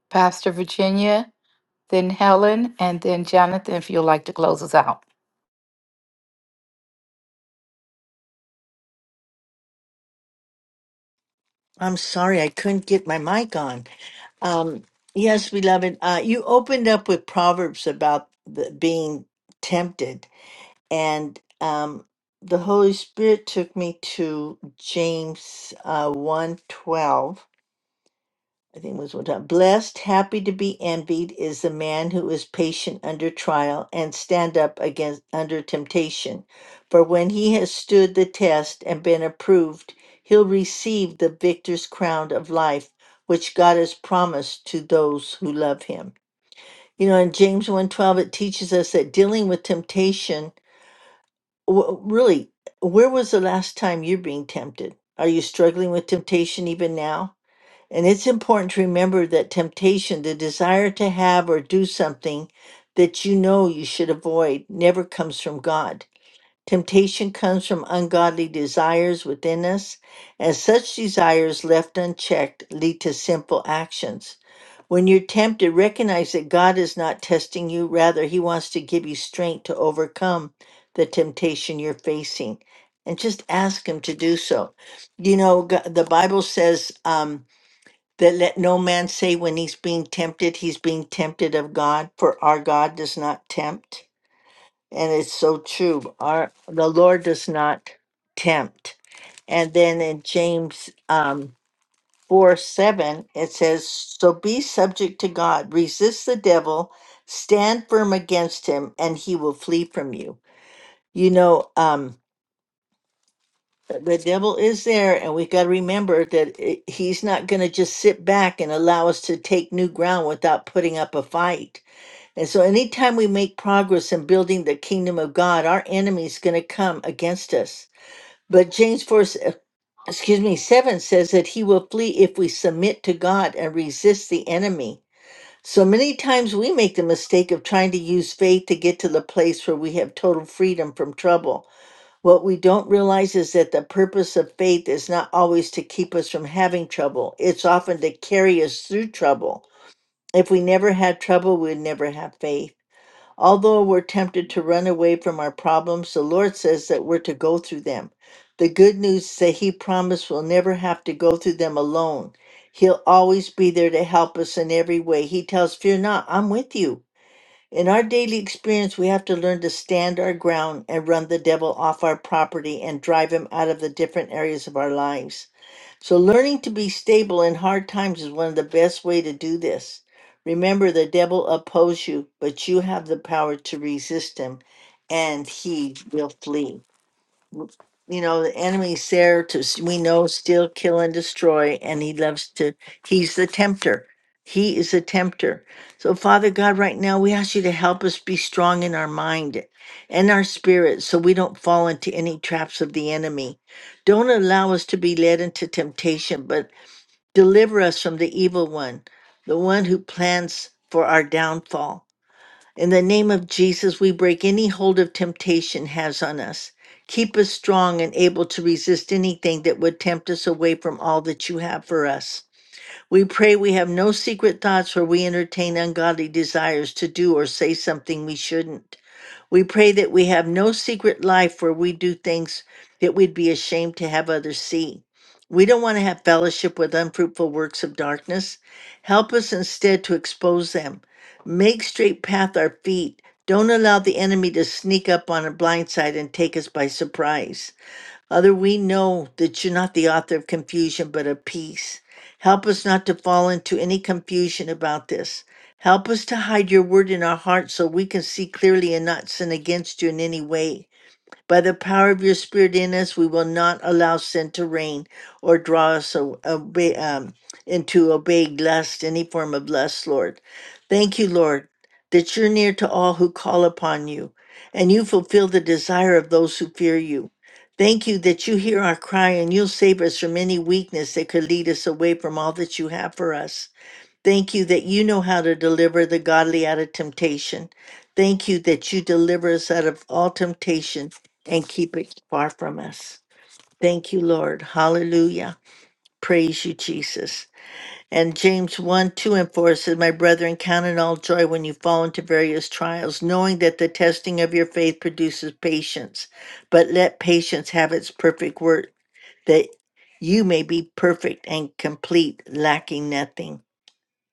Speaker 1: Pastor Virginia, then Helen, and then Jonathan, if you'd like to close us out.
Speaker 4: I'm sorry, I couldn't get my mic on. Um, yes, beloved, uh, you opened up with Proverbs about the, being tempted, and um, the Holy Spirit took me to James uh, 1 I think it was one time. Blessed, happy to be envied is the man who is patient under trial and stand up against under temptation. For when he has stood the test and been approved, he'll receive the victor's crown of life, which God has promised to those who love him. You know, in James one twelve, it teaches us that dealing with temptation, w- really, where was the last time you're being tempted? Are you struggling with temptation even now? And it's important to remember that temptation, the desire to have or do something that you know you should avoid, never comes from God. Temptation comes from ungodly desires within us, and such desires left unchecked lead to sinful actions. When you're tempted, recognize that God is not testing you. Rather, He wants to give you strength to overcome the temptation you're facing. And just ask Him to do so. You know, G- the Bible says, "Um." that let no man say when he's being tempted, he's being tempted of God, for our God does not tempt. And it's so true. Our the Lord does not tempt. And then in James um, 4 7, it says, So be subject to God, resist the devil, stand firm against him, and he will flee from you. You know, um, The the devil is there, and we've got to remember that i he's not going to just sit back and allow us to take new ground without putting up a fight. And so, anytime we make progress in building the kingdom of God, our enemy's going to come against us. But James 4, s- uh, excuse me, 7 says that he will flee if we submit to God and resist the enemy. So many times we make the mistake of trying to use faith to get to the place where we have total freedom from trouble. What we don't realize is that the purpose of faith is not always to keep us from having trouble, it's often to carry us through trouble. If we never had trouble, we'd never have faith. Although we're tempted to run away from our problems, the Lord says that we're to go through them. The good news is that He promised we'll never have to go through them alone. He'll always be there to help us in every way. He tells, Fear not, I'm with you. In our daily experience, we have to learn to stand our ground and run the devil off our property and drive him out of the different areas of our lives. So learning to be stable in hard times is one of the best way to do this. Remember the devil opposes you, but you have the power to resist him and he will flee you know the enemy's there to s- we know steal kill and destroy and he loves to he's the tempter he is a tempter so father god right now we ask you to help us be strong in our mind and our spirit so we don't fall into any traps of the enemy don't allow us to be led into temptation but deliver us from the evil one the one who plans for our downfall in the name of Jesus, we break any hold of temptation has on us. Keep us strong and able to resist anything that would tempt us away from all that you have for us. We pray we have no secret thoughts where we entertain ungodly desires to do or say something we shouldn't. We pray that we have no secret life where we do things that we'd be ashamed to have others see. We don't want to have fellowship with unfruitful works of darkness. Help us instead to expose them. Make straight path our feet. Don't allow the enemy to sneak up on a blind side and take us by surprise. Other, we know that you're not the author of confusion, but of peace. Help us not to fall into any confusion about this. Help us to hide your word in our hearts so we can see clearly and not sin against you in any way. By the power of your spirit in us, we will not allow sin to reign or draw us a- obey, um, into obeying lust, any form of lust, Lord. Thank you, Lord, that you're near to all who call upon you and you fulfill the desire of those who fear you. Thank you that you hear our cry and you'll save us from any weakness that could lead us away from all that you have for us. Thank you that you know how to deliver the godly out of temptation. Thank you that you deliver us out of all temptation and keep it far from us. Thank you, Lord. Hallelujah. Praise you, Jesus. And James 1, 2, and 4 says, My brethren, count it all joy when you fall into various trials, knowing that the testing of your faith produces patience. But let patience have its perfect work, that you may be perfect and complete, lacking nothing.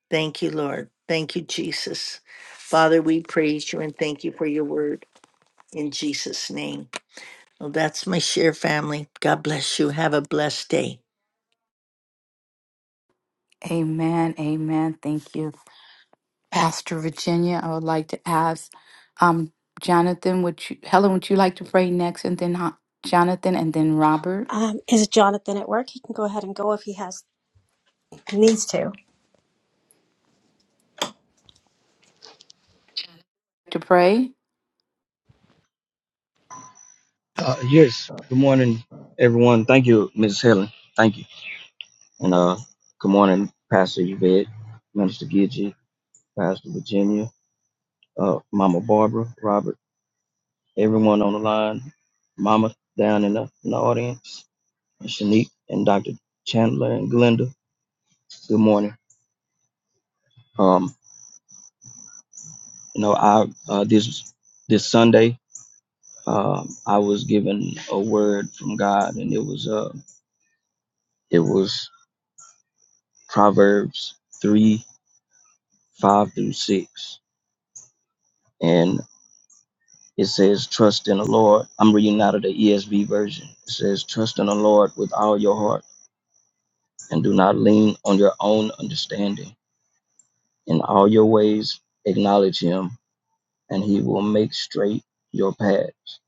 Speaker 4: Thank you, Lord. Thank you, Jesus. Father, we praise you and thank you for your word in Jesus' name. Well, that's my share, family. God bless you. Have a blessed day.
Speaker 1: Amen. Amen. Thank you, Pastor Virginia. I would like to ask um, Jonathan, would you, Helen, would you like to pray next? And then Ho- Jonathan and then Robert
Speaker 5: Um, is Jonathan at work? He can go ahead and go if he has needs.
Speaker 1: to pray?
Speaker 6: Uh, yes. Good morning, everyone. Thank you, Mrs. Helen. Thank you. And uh, good morning, Pastor Yvette, Minister Gidget, Pastor Virginia, uh, Mama Barbara, Robert, everyone on the line, Mama down in the, in the audience, and Shanique and Dr. Chandler and Glenda. Good morning. Um, you know, I uh, this this Sunday, um, I was given a word from God, and it was uh, it was Proverbs three five through six and it says, Trust in the Lord. I'm reading out of the ESV version. It says, Trust in the Lord with all your heart and do not lean on your own understanding. In all your ways, acknowledge him, and he will make straight your paths.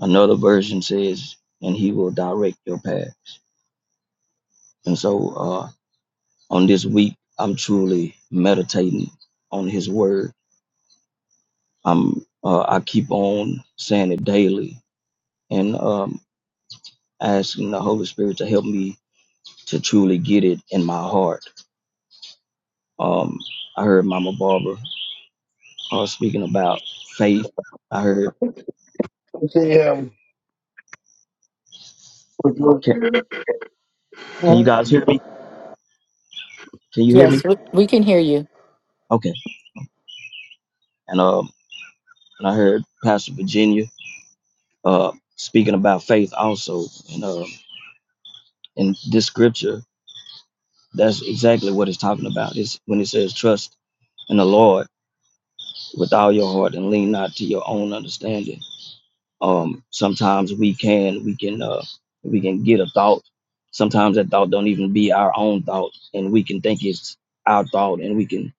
Speaker 6: Another version says, and he will direct your paths. And so uh, on this week, I'm truly meditating on his word. I'm, uh, I keep on saying it daily and um, asking the Holy Spirit to help me to truly get it in my heart. Um, I heard Mama Barbara uh, speaking about faith. I heard,
Speaker 7: Damn.
Speaker 6: can, can you guys hear me? Can you hear
Speaker 1: Yes,
Speaker 6: me?
Speaker 1: we we can hear you.
Speaker 6: Okay. And um, and I heard Pastor Virginia uh, speaking about faith also. And uh, in this scripture, that's exactly what it's talking about. It's when it says trust in the Lord with all your heart and lean not to your own understanding. um sometimes we can we can uh we can get a thought sometimes that thought don't even be our own thought and we can think it's our thought and we can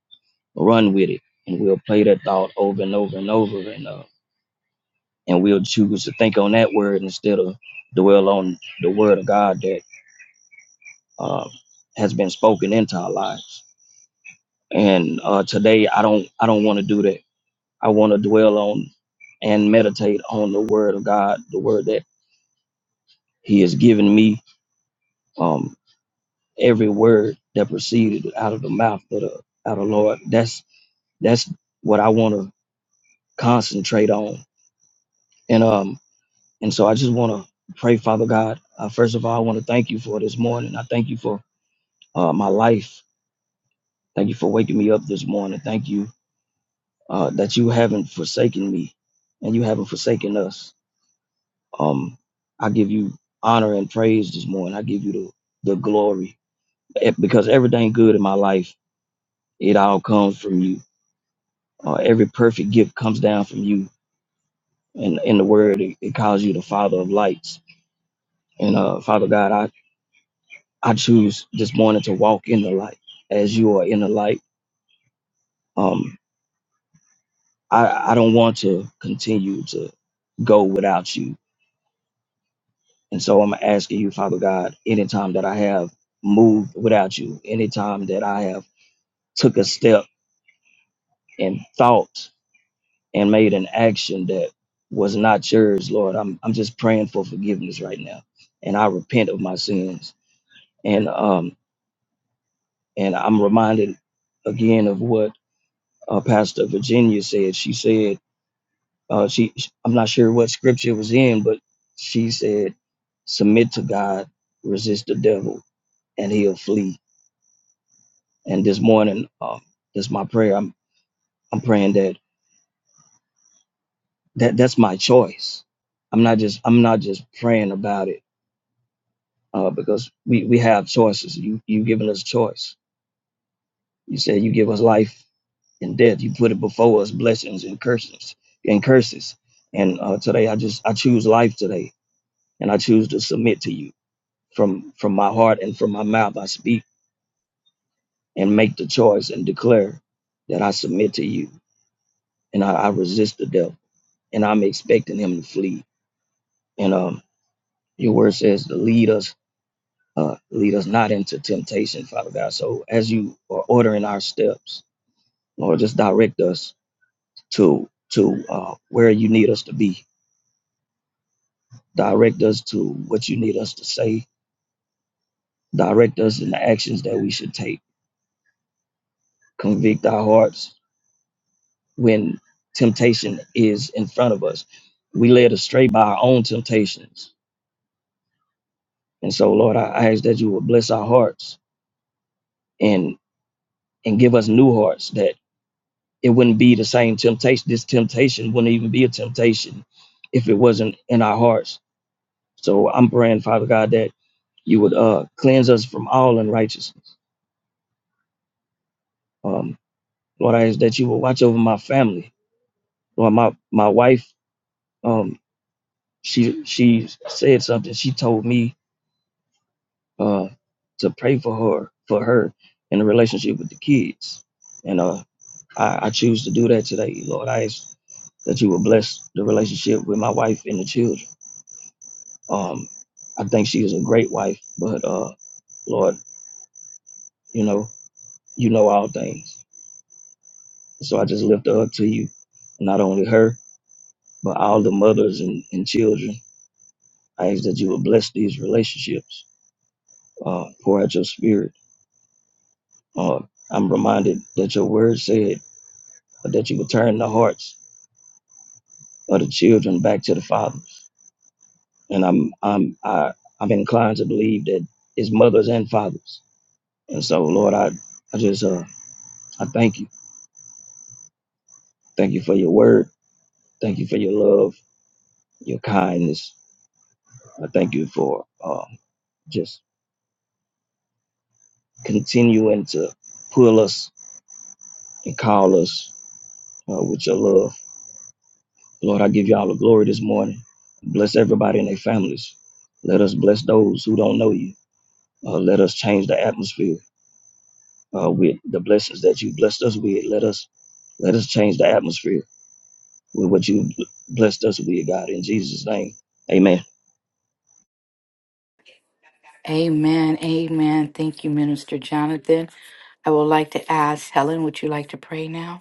Speaker 6: run with it and we'll play that thought over and over and over and uh and we'll choose to think on that word instead of dwell on the word of god that uh, has been spoken into our lives and uh today i don't i don't want to do that i want to dwell on and meditate on the word of god the word that he has given me Um, every word that proceeded out of the mouth of the out of Lord. That's that's what I want to concentrate on. And um and so I just want to pray, Father God. Uh, first of all, I want to thank you for this morning. I thank you for uh, my life. Thank you for waking me up this morning. Thank you uh, that you haven't forsaken me and you haven't forsaken us. Um, I give you honor and praise this morning. I give you the, the glory Eh, because everything good in my life, it all comes from you Uh, every perfect gift comes down from you. And in the word, it, it calls you the Father of lights. And uh, Father God, I, I choose this morning to walk in the light as you are in the light. Um, I, I don't want to continue to go without you. And so I'm asking you, Father God, anytime that I have moved without you, anytime that I have took a step in thought and made an action that was not yours, Lord. I'm I'm just praying for forgiveness right now, and I repent of my sins. And um and I'm reminded again of what uh, Pastor Virginia said. She said uh, she I'm not sure what scripture it was in, but she said submit to God, resist the devil, and he'll flee. And this morning, um, that's my prayer. I'm I'm praying that that that's my choice. I'm not just I'm not just praying about it. uh, because we, we have choices. You you've given us a choice. You said you give us life and death. You put it before us, blessings and curses and curses. And uh, today I just I choose life today, and I choose to submit to you from from my heart and from my mouth. I speak and make the choice and declare that I submit to you, and I, I resist the devil, and I'm expecting him to flee. And um, your word says to lead us. Uh, lead us not into temptation, Father God. So as you are ordering our steps, Lord, just direct us to to uh, where you need us to be. Direct us to what you need us to say. Direct us in the actions that we should take. Convict our hearts when temptation is in front of us. We led astray by our own temptations, and so Lord, I I ask that you would bless our hearts and and give us new hearts that it wouldn't be the same temptation. This temptation wouldn't even be a temptation if it wasn't in our hearts. So I'm praying, Father God, that you would uh, cleanse us from all unrighteousness. Um, Lord, I ask that you will watch over my family. Lord, my my wife, um, she she said something. She told me uh, to pray for her for her in the relationship with the kids, and uh, I, I choose to do that today. Lord, I ask that you will bless the relationship with my wife and the children. Um, I think she is a great wife, but uh, Lord, you know you know all things, so I just lift her up to you, not only her But all the mothers and, and children, I ask that you will bless these relationships, uh, pour out your spirit. Uh, I'm reminded that your word said that you would turn the hearts of the children back to the fathers. And I'm I'm I, I'm inclined to believe that it's mothers and fathers. And so Lord, I, I just uh I thank you. Thank you for your word. Thank you for your love, your kindness. I thank you for uh, just continuing to pull us and call us uh, with your love. Lord, I give you all the glory this morning. Bless everybody and their families. Let us bless those who don't know you. Uh, let us change the atmosphere uh, with the blessings that you blessed us with. Let us let us change the atmosphere with what you blessed us with, God. In Jesus' name, Amen.
Speaker 1: Amen. Amen. Thank you, Minister Jonathan. I would like to ask Helen, would you like to pray now?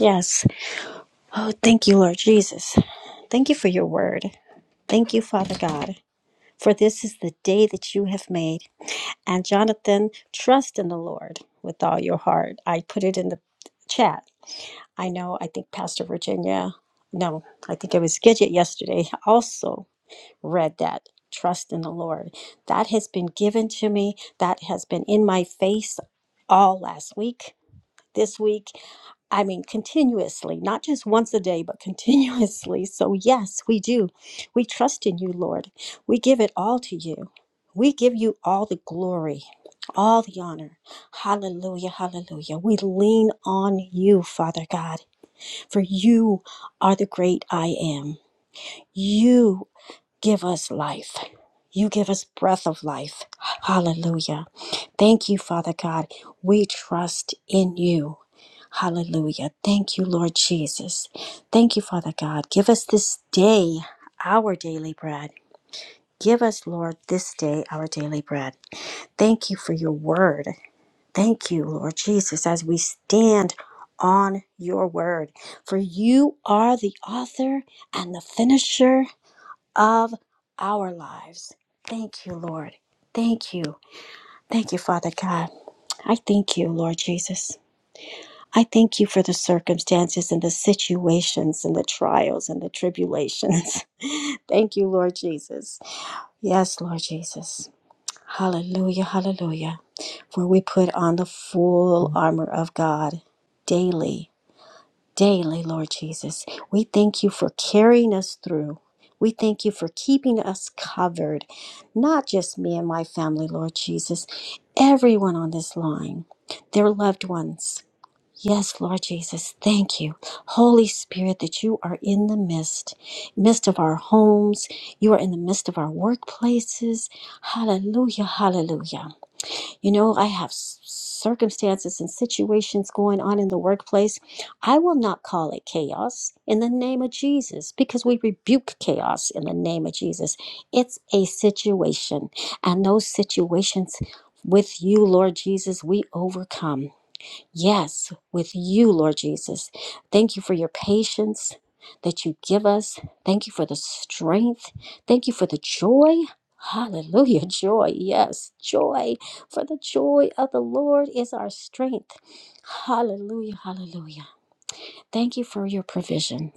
Speaker 5: Yes. Oh, thank you, Lord Jesus. Thank you for your word. Thank you, Father God, for this is the day that you have made. And Jonathan, trust in the Lord with all your heart. I put it in the chat. I know, I think Pastor Virginia, no, I think it was Gidget yesterday, *laughs* also read that. Trust in the Lord. That has been given to me. That has been in my face all last week, this week. I mean, continuously, not just once a day, but *laughs* continuously. So, yes, we do. We trust in you, Lord. We give it all to you. We give you all the glory, all the honor. Hallelujah, hallelujah. We lean on you, Father God, for you are the great I am. You give us life. You give us breath of life. Hallelujah. Thank you, Father God. We trust in you. Hallelujah. Thank you, Lord Jesus. Thank you, Father God. Give us this day our daily bread. Give us, Lord, this day our daily bread. Thank you for your word. Thank you, Lord Jesus, as we stand on your word. For you are the author and the finisher of our lives. Thank you, Lord. Thank you. Thank you, Father God. I thank you, Lord Jesus. I thank you for the circumstances and the situations and the trials and the tribulations. *laughs* thank you, Lord Jesus. Yes, Lord Jesus. Hallelujah, hallelujah. For we put on the full armor of God daily daily, Lord Jesus. We thank you for carrying us through. We thank you for keeping us covered, not just me and my family, Lord Jesus, everyone on this line, their loved ones. Yes, Lord Jesus, thank you. Holy Spirit, that you are in the midst, midst of our homes. You are in the midst of our workplaces. Hallelujah, hallelujah. You know, I have s- circumstances and situations going on in the workplace. I will not call it chaos in the name of Jesus because we rebuke chaos in the name of Jesus. It's a situation, and those situations with you, Lord Jesus, we overcome. Yes, with you, Lord Jesus. Thank you for your patience that you give us. Thank you for the strength. Thank you for the joy. Hallelujah. *laughs* Joy. Yes, joy. For the joy of the Lord is our strength. Hallelujah. Hallelujah. Thank you for your provision.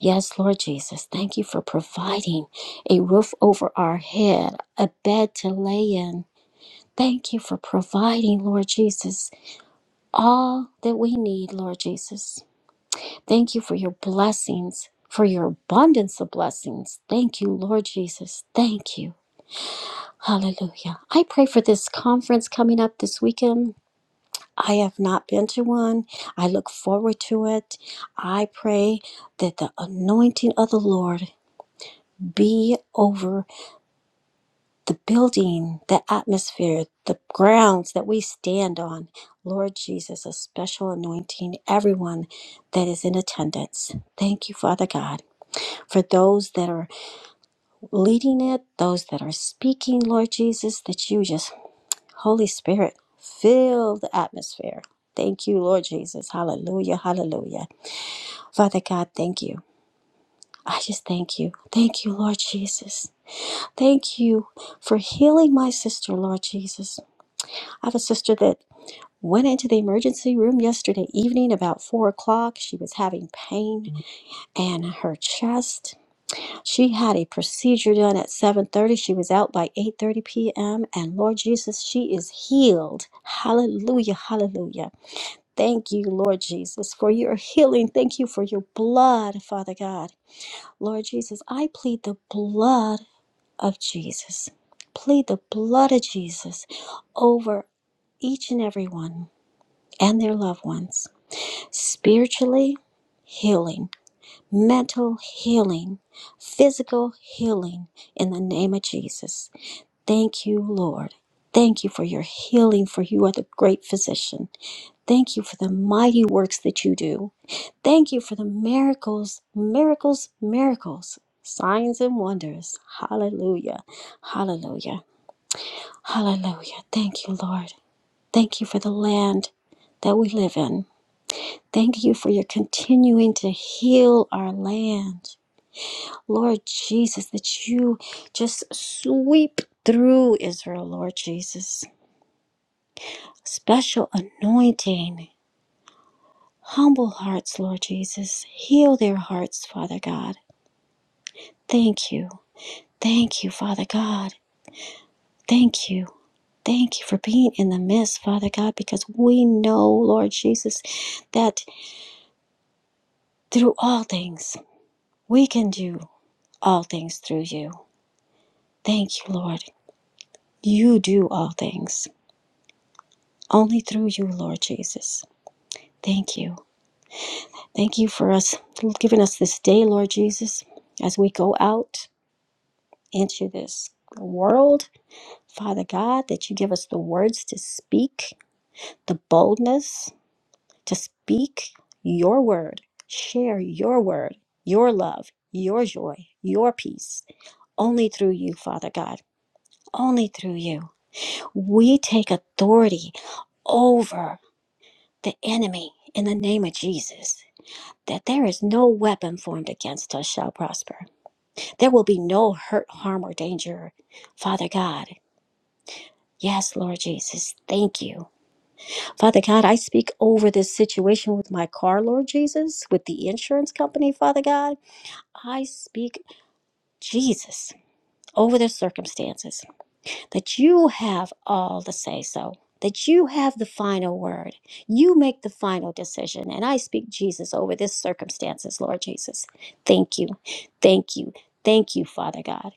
Speaker 5: Yes, Lord Jesus. Thank you for providing a roof over our head, a bed to lay in. Thank you for providing, Lord Jesus all that we need, Lord Jesus. Thank you for your blessings, for your abundance of blessings. Thank you, Lord Jesus. Thank you. Hallelujah. I pray for this conference coming up this weekend. I have not been to one. I look forward to it. I pray that the anointing of the Lord be over the building, the atmosphere, the grounds that we stand on. Lord Jesus, a special anointing, everyone that is in attendance. Thank you, Father God, for those that are leading it, those that are speaking, Lord Jesus, that you just, Holy Spirit, fill the atmosphere. Thank you, Lord Jesus. Hallelujah, hallelujah. Father God, thank you. I just thank you. Thank you, Lord Jesus. Thank you for healing my sister, Lord Jesus. I have a sister that went into the emergency room yesterday evening about four o'clock. She was having pain in her chest. She had a procedure done at 7:30. She was out by 8:30 p.m. And Lord Jesus, she is healed. Hallelujah. Hallelujah. Thank you, Lord Jesus, for your healing. Thank you for your blood, Father God. Lord Jesus, I plead the blood of Jesus. Plead the blood of Jesus over each and every one and their loved ones. Spiritually, healing, mental healing, physical healing in the name of Jesus. Thank you, Lord. Thank you for your healing, for you are the great physician. Thank you for the mighty works that you do. Thank you for the miracles, miracles, miracles, signs and wonders. Hallelujah, hallelujah, hallelujah. Thank you, Lord. Thank you for the land that we live in. Thank you for your continuing to heal our land. Lord Jesus, that you just sweep through Israel, Lord Jesus. Special anointing, humble hearts, Lord Jesus. Heal their hearts, Father God. Thank you. Thank you, Father God. Thank you. Thank you for being in the midst, Father God, because we know, Lord Jesus, that through all things, we can do all things through you. Thank you, Lord. You do all things only through you, Lord Jesus. Thank you. Thank you for us giving us this day, Lord Jesus, as we go out into this world, Father God, that you give us the words to speak, the boldness to speak your word, share your word, your love, your joy, your peace, only through you, Father God, only through you. We take authority over. the enemy in the name of Jesus. That there is no weapon formed against us shall prosper. There will be no hurt, harm, or danger. Father God, yes, Lord Jesus, thank you. Father God, I speak over this situation with my car, Lord Jesus, with the insurance company, Father God. I speak Jesus over the circumstances. that you have all the say so, that you have the final word. You make the final decision. And I speak Jesus over this circumstances, Lord Jesus. Thank you. Thank you. Thank you, Father God.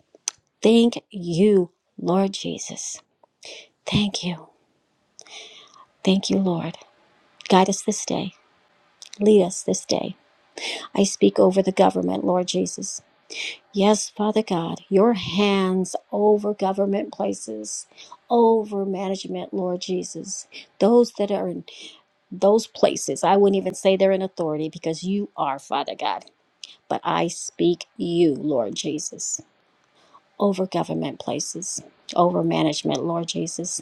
Speaker 5: Thank you, Lord Jesus. Thank you. Thank you, Lord. Guide us this day. Lead us this day. I speak over the government, Lord Jesus. Yes, Father God, your hands over government places, over management, Lord Jesus. Those that are in those places, I wouldn't even say they're in authority because you are, Father God. But I speak you, Lord Jesus, over government places, over management, Lord Jesus,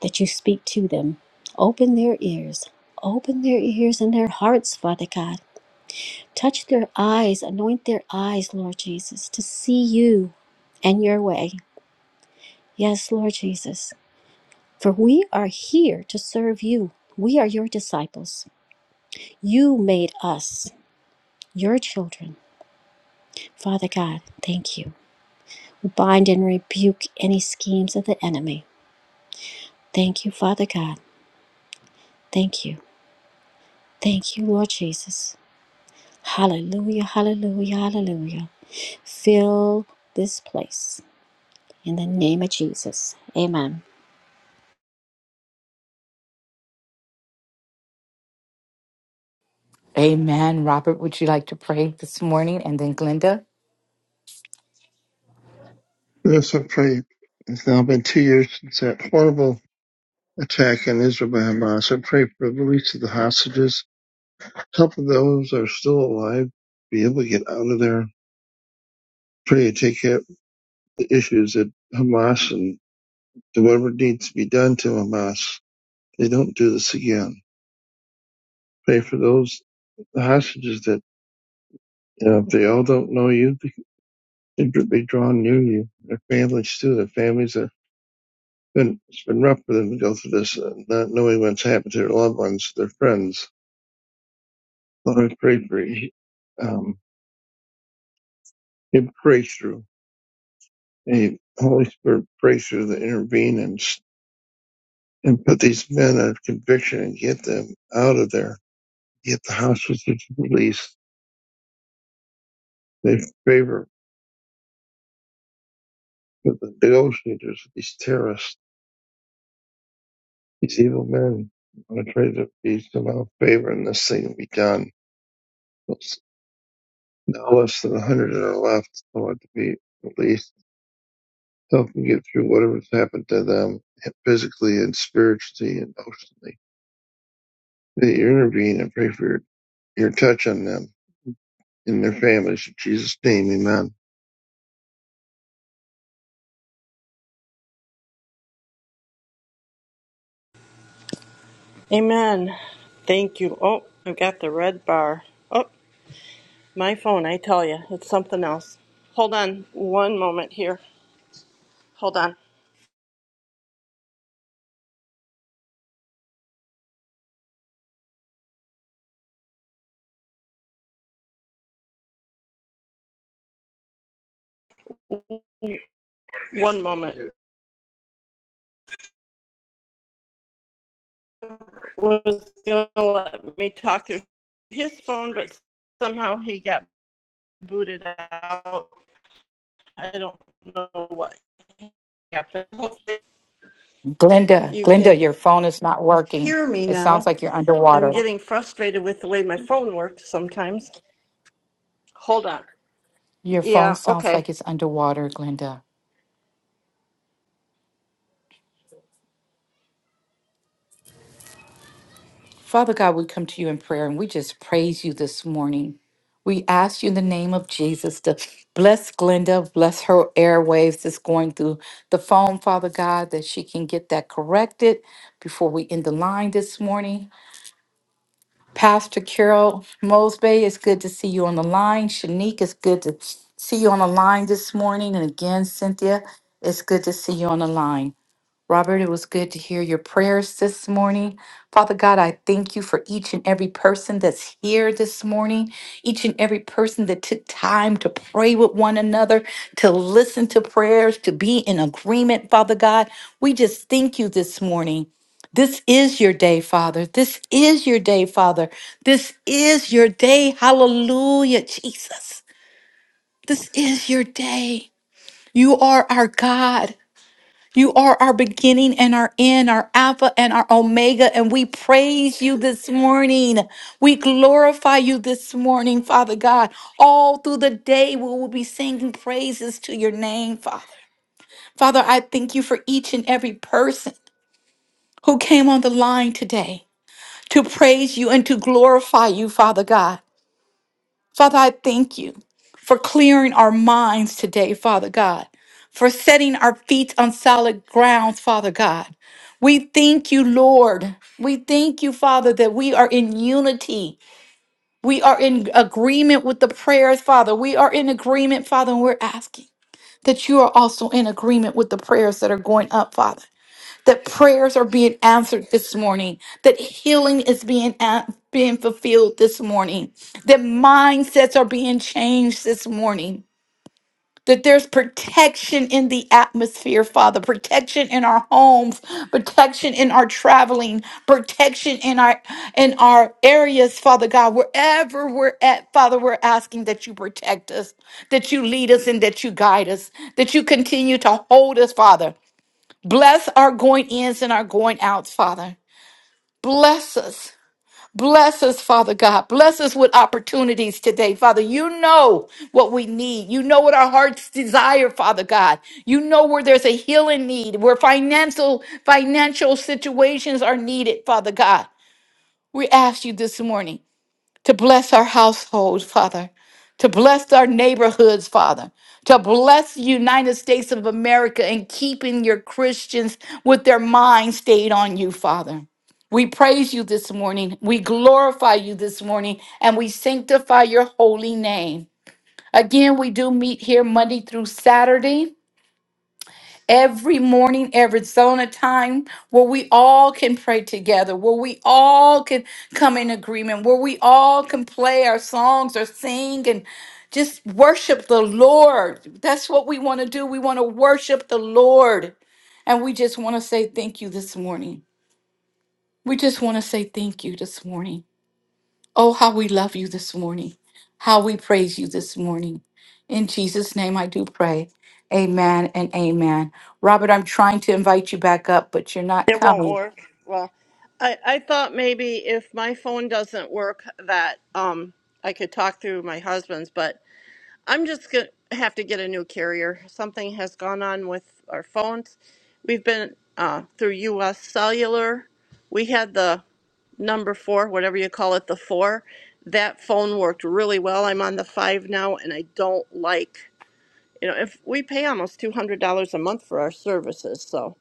Speaker 5: that you speak to them. Open their ears, open their ears and their hearts, Father God. Touch their eyes, anoint their eyes, Lord Jesus, to see you and your way Yes, Lord Jesus, for we are here to serve you. We are your disciples. You made us your children. Father God, thank you. We bind and rebuke any schemes of the enemy. Thank you, Father God. Thank you. Thank you, Lord Jesus. Hallelujah, hallelujah, hallelujah. Fill this place in the name of Jesus. Amen.
Speaker 1: Amen. Robert, would you like to pray this morning? And then Glenda?
Speaker 7: Yes, I pray. It's now been two years since that horrible attack on Israel by Hamas. I pray for the release of the hostages, help those that are still alive be able to get out of there. Pray to take care of the issues at Hamas and do whatever needs to be done to Hamas. They don't do this again. Pray for those hostages that, you know, if they all don't know you, they- they'd be drawn near you. Their families too. Their families are. Been, it's been rough for them to go through this, uh, not knowing what's happened to their loved ones, their friends. Lord, I pray for you. Um, give breakthrough, a Holy Spirit breakthrough to intervene and and put these men out of conviction and get them out of there. Get the hostages released. They favor for the negotiators, these terrorists, these evil men. I pray that be somehow favor and this thing will be done. There's now less than a hundred that are left. I want to be released help them get through whatever's happened to them physically and spiritually and emotionally. That you intervene and pray for your, your touch on them and their families. In Jesus' name, amen.
Speaker 8: Amen. Thank you. Oh, I've got the red bar. Oh, my phone, I tell you, it's something else. Hold on one moment here. Hold on one moment. Was going to let me talk through his phone, but somehow he got booted out. I don't know what happened. Hopefully
Speaker 1: Glenda,
Speaker 8: you
Speaker 1: Glenda,
Speaker 8: can
Speaker 1: your phone is not working.
Speaker 8: hear me
Speaker 1: It sounds
Speaker 8: now.
Speaker 1: like you're
Speaker 8: I'm
Speaker 1: underwater.
Speaker 8: getting frustrated with the way my phone works sometimes. Hold on.
Speaker 1: Your phone
Speaker 8: Yeah,
Speaker 1: sounds
Speaker 8: okay.
Speaker 1: like it's underwater, Glenda. Father God, we come to you in prayer and we just praise you this morning. We ask you in the name of Jesus to bless Glenda, bless her airwaves that's going through the phone, Father God, that she can get that corrected before we end the line this morning. Pastor Carol Mosby, it's good to see you on the line. Shanique, it's good to see you on the line this morning. And again, Cynthia, it's good to see you on the line. Robert, it was good to hear your prayers this morning. Father God, I thank you for each and every person that's here this morning, each and every person that took time to pray with one another, to listen to prayers, to be in agreement, Father God. We just thank you this morning. This is your day, Father. This is your day, Father. This is your day. Hallelujah, Jesus. This is your day. You are our God. You are our beginning and our end, our Alpha and our Omega, and we praise you this morning. We glorify you this morning, Father God. All through the day, we will be singing praises to your name, Father. Father, I thank you for each and every person who came on the line today to praise you and to glorify you, Father God. Father, I thank you for clearing our minds today, Father God, for setting our feet on solid grounds, Father God. We thank you, Lord. We thank you, Father, that we are in unity. We are in agreement with the prayers, Father. We are in agreement, Father, and we're asking that you are also in agreement with the prayers that are going up, Father that prayers are being answered this morning, that healing is being a- being fulfilled this morning, that mindsets are being changed this morning. That there's protection in the atmosphere, Father, protection in our homes, protection in our traveling, protection in our in our areas, Father God, wherever we're at, Father, we're asking that you protect us, that you lead us and that you guide us, that you continue to hold us, Father. Bless our going ins and our going outs, Father. Bless us. Bless us, Father God. Bless us with opportunities today, Father. You know what we need. You know what our hearts desire, Father God. You know where there's a healing need, where financial financial situations are needed, Father God. We ask you this morning to bless our households, Father, to bless our neighborhoods, Father, to bless the United States of America and keeping your Christians with their minds stayed on you, Father. We praise you this morning. We glorify you this morning and we sanctify your holy name. Again, we do meet here Monday through Saturday every morning Arizona time where we all can pray together, where we all can come in agreement, where we all can play our songs or sing and just worship the Lord. That's what we want to do. We want to worship the Lord. And we just want to say thank you this morning. We just want to say thank you this morning. Oh, how we love you this morning. How we praise you this morning. In Jesus' name, I do pray. Amen and amen. Robert, I'm trying to invite you back up, but you're not
Speaker 8: It won't
Speaker 1: coming.
Speaker 8: work. Well, I, I thought maybe if my phone doesn't work that um I could talk through my husband's, but I'm just gonna have to get a new carrier. Something has gone on with our phones. We've been uh, through U.S. Cellular. We had the number four, whatever you call it, the four. That phone worked really well. I'm on the five now, and I don't like you know if we pay almost two hundred dollars a month for our services, so.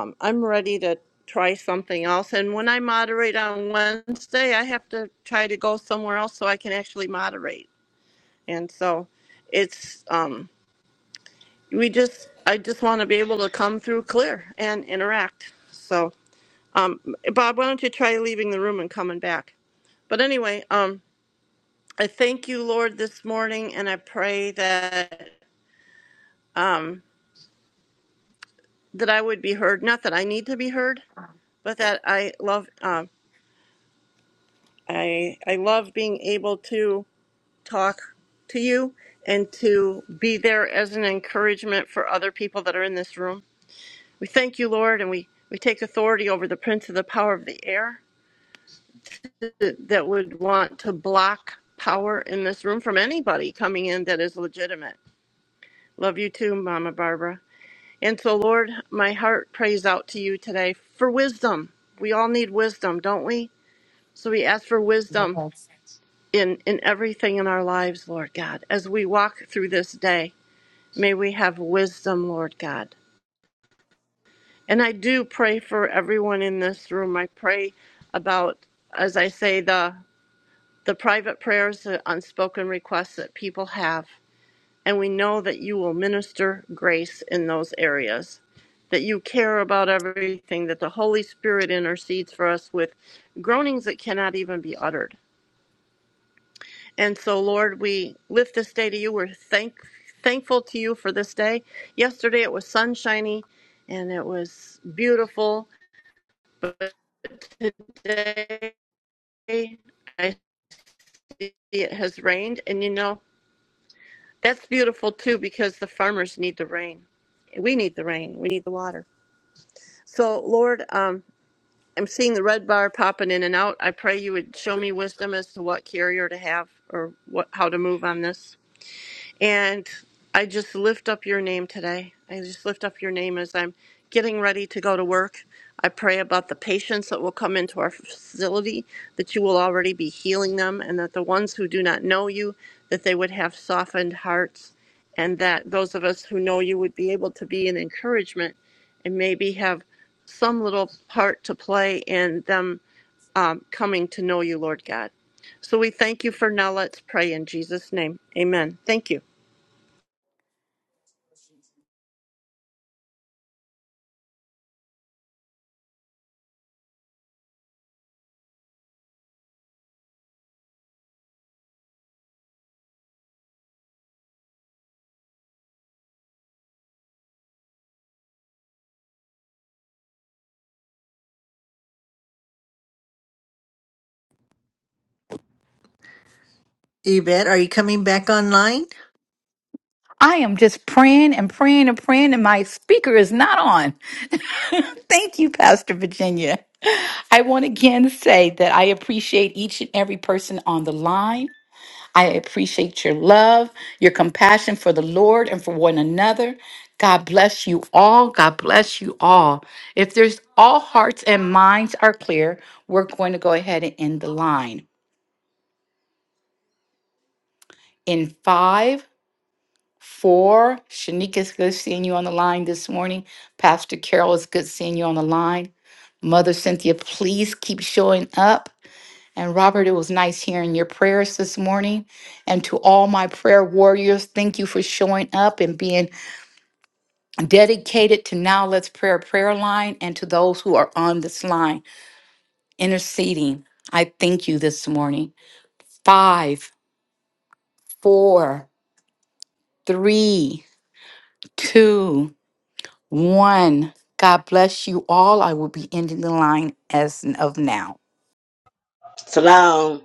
Speaker 8: Um, I'm ready to try something else. And when I moderate on Wednesday, I have to try to go somewhere else so I can actually moderate. And so it's, um, we just, I just want to be able to come through clear and interact. So, um, Bob, why don't you try leaving the room and coming back? But anyway, um, I thank you, Lord, this morning, and I pray that that I would be heard. Not that I need to be heard, but that I love um, I I love being able to talk to you and to be there as an encouragement for other people that are in this room. We thank you, Lord, and we, we take authority over the prince of the power of the air that, that would want to block power in this room from anybody coming in that is legitimate. Love you too, Mama Barbara. And so, Lord, my heart prays out to you today for wisdom. We all need wisdom, don't we? So we ask for wisdom in, in everything in our lives, Lord God, as we walk through this day. May we have wisdom, Lord God. And I do pray for everyone in this room. I pray about, as I say, the the private prayers, the unspoken requests that people have. And we know that you will minister grace in those areas, that you care about everything, that the Holy Spirit intercedes for us with groanings that cannot even be uttered. And so, Lord, we lift this day to you. We're thank, thankful to you for this day. Yesterday it was sunshiny and it was beautiful. Today I see it has rained. And you know, that's beautiful too because the farmers need the rain. We need the rain, we need the water. So, Lord, um, I'm seeing the red bar popping in and out. I pray you would show me wisdom as to what carrier to have or what how to move on this. And I just lift up your name today. I just lift up your name as I'm getting ready to go to work. I pray about the patients that will come into our facility, that you will already be healing them, and that the ones who do not know you, that they would have softened hearts, and that those of us who know you would be able to be an encouragement and maybe have some little part to play in them um, coming to know you, Lord God. So we thank you for now. Let's pray in Jesus' name. Amen. Thank you.
Speaker 4: Yvette, are you coming back online?
Speaker 1: I am just praying and praying and praying, and my speaker is not on. *laughs* Thank you, Pastor Virginia. I want to again say that I appreciate each and every person on the line. I appreciate your love, your compassion for the Lord and for one another. God bless you all. God bless you all. If there's all hearts and minds are clear, we're going to go ahead and end the line. In five, four, Shanika is good seeing you on the line this morning. Pastor Carol it's good seeing you on the line. Mother Cynthia, please keep showing up. And Robert, it was nice hearing your prayers this morning. And to all my prayer warriors, thank you for showing up and being dedicated to Now Let's Prayer prayer line and to those who are on this line interceding. I thank you this morning. Five, four, three, two, one. God bless you all. I will be ending the line as of now.
Speaker 3: Salam.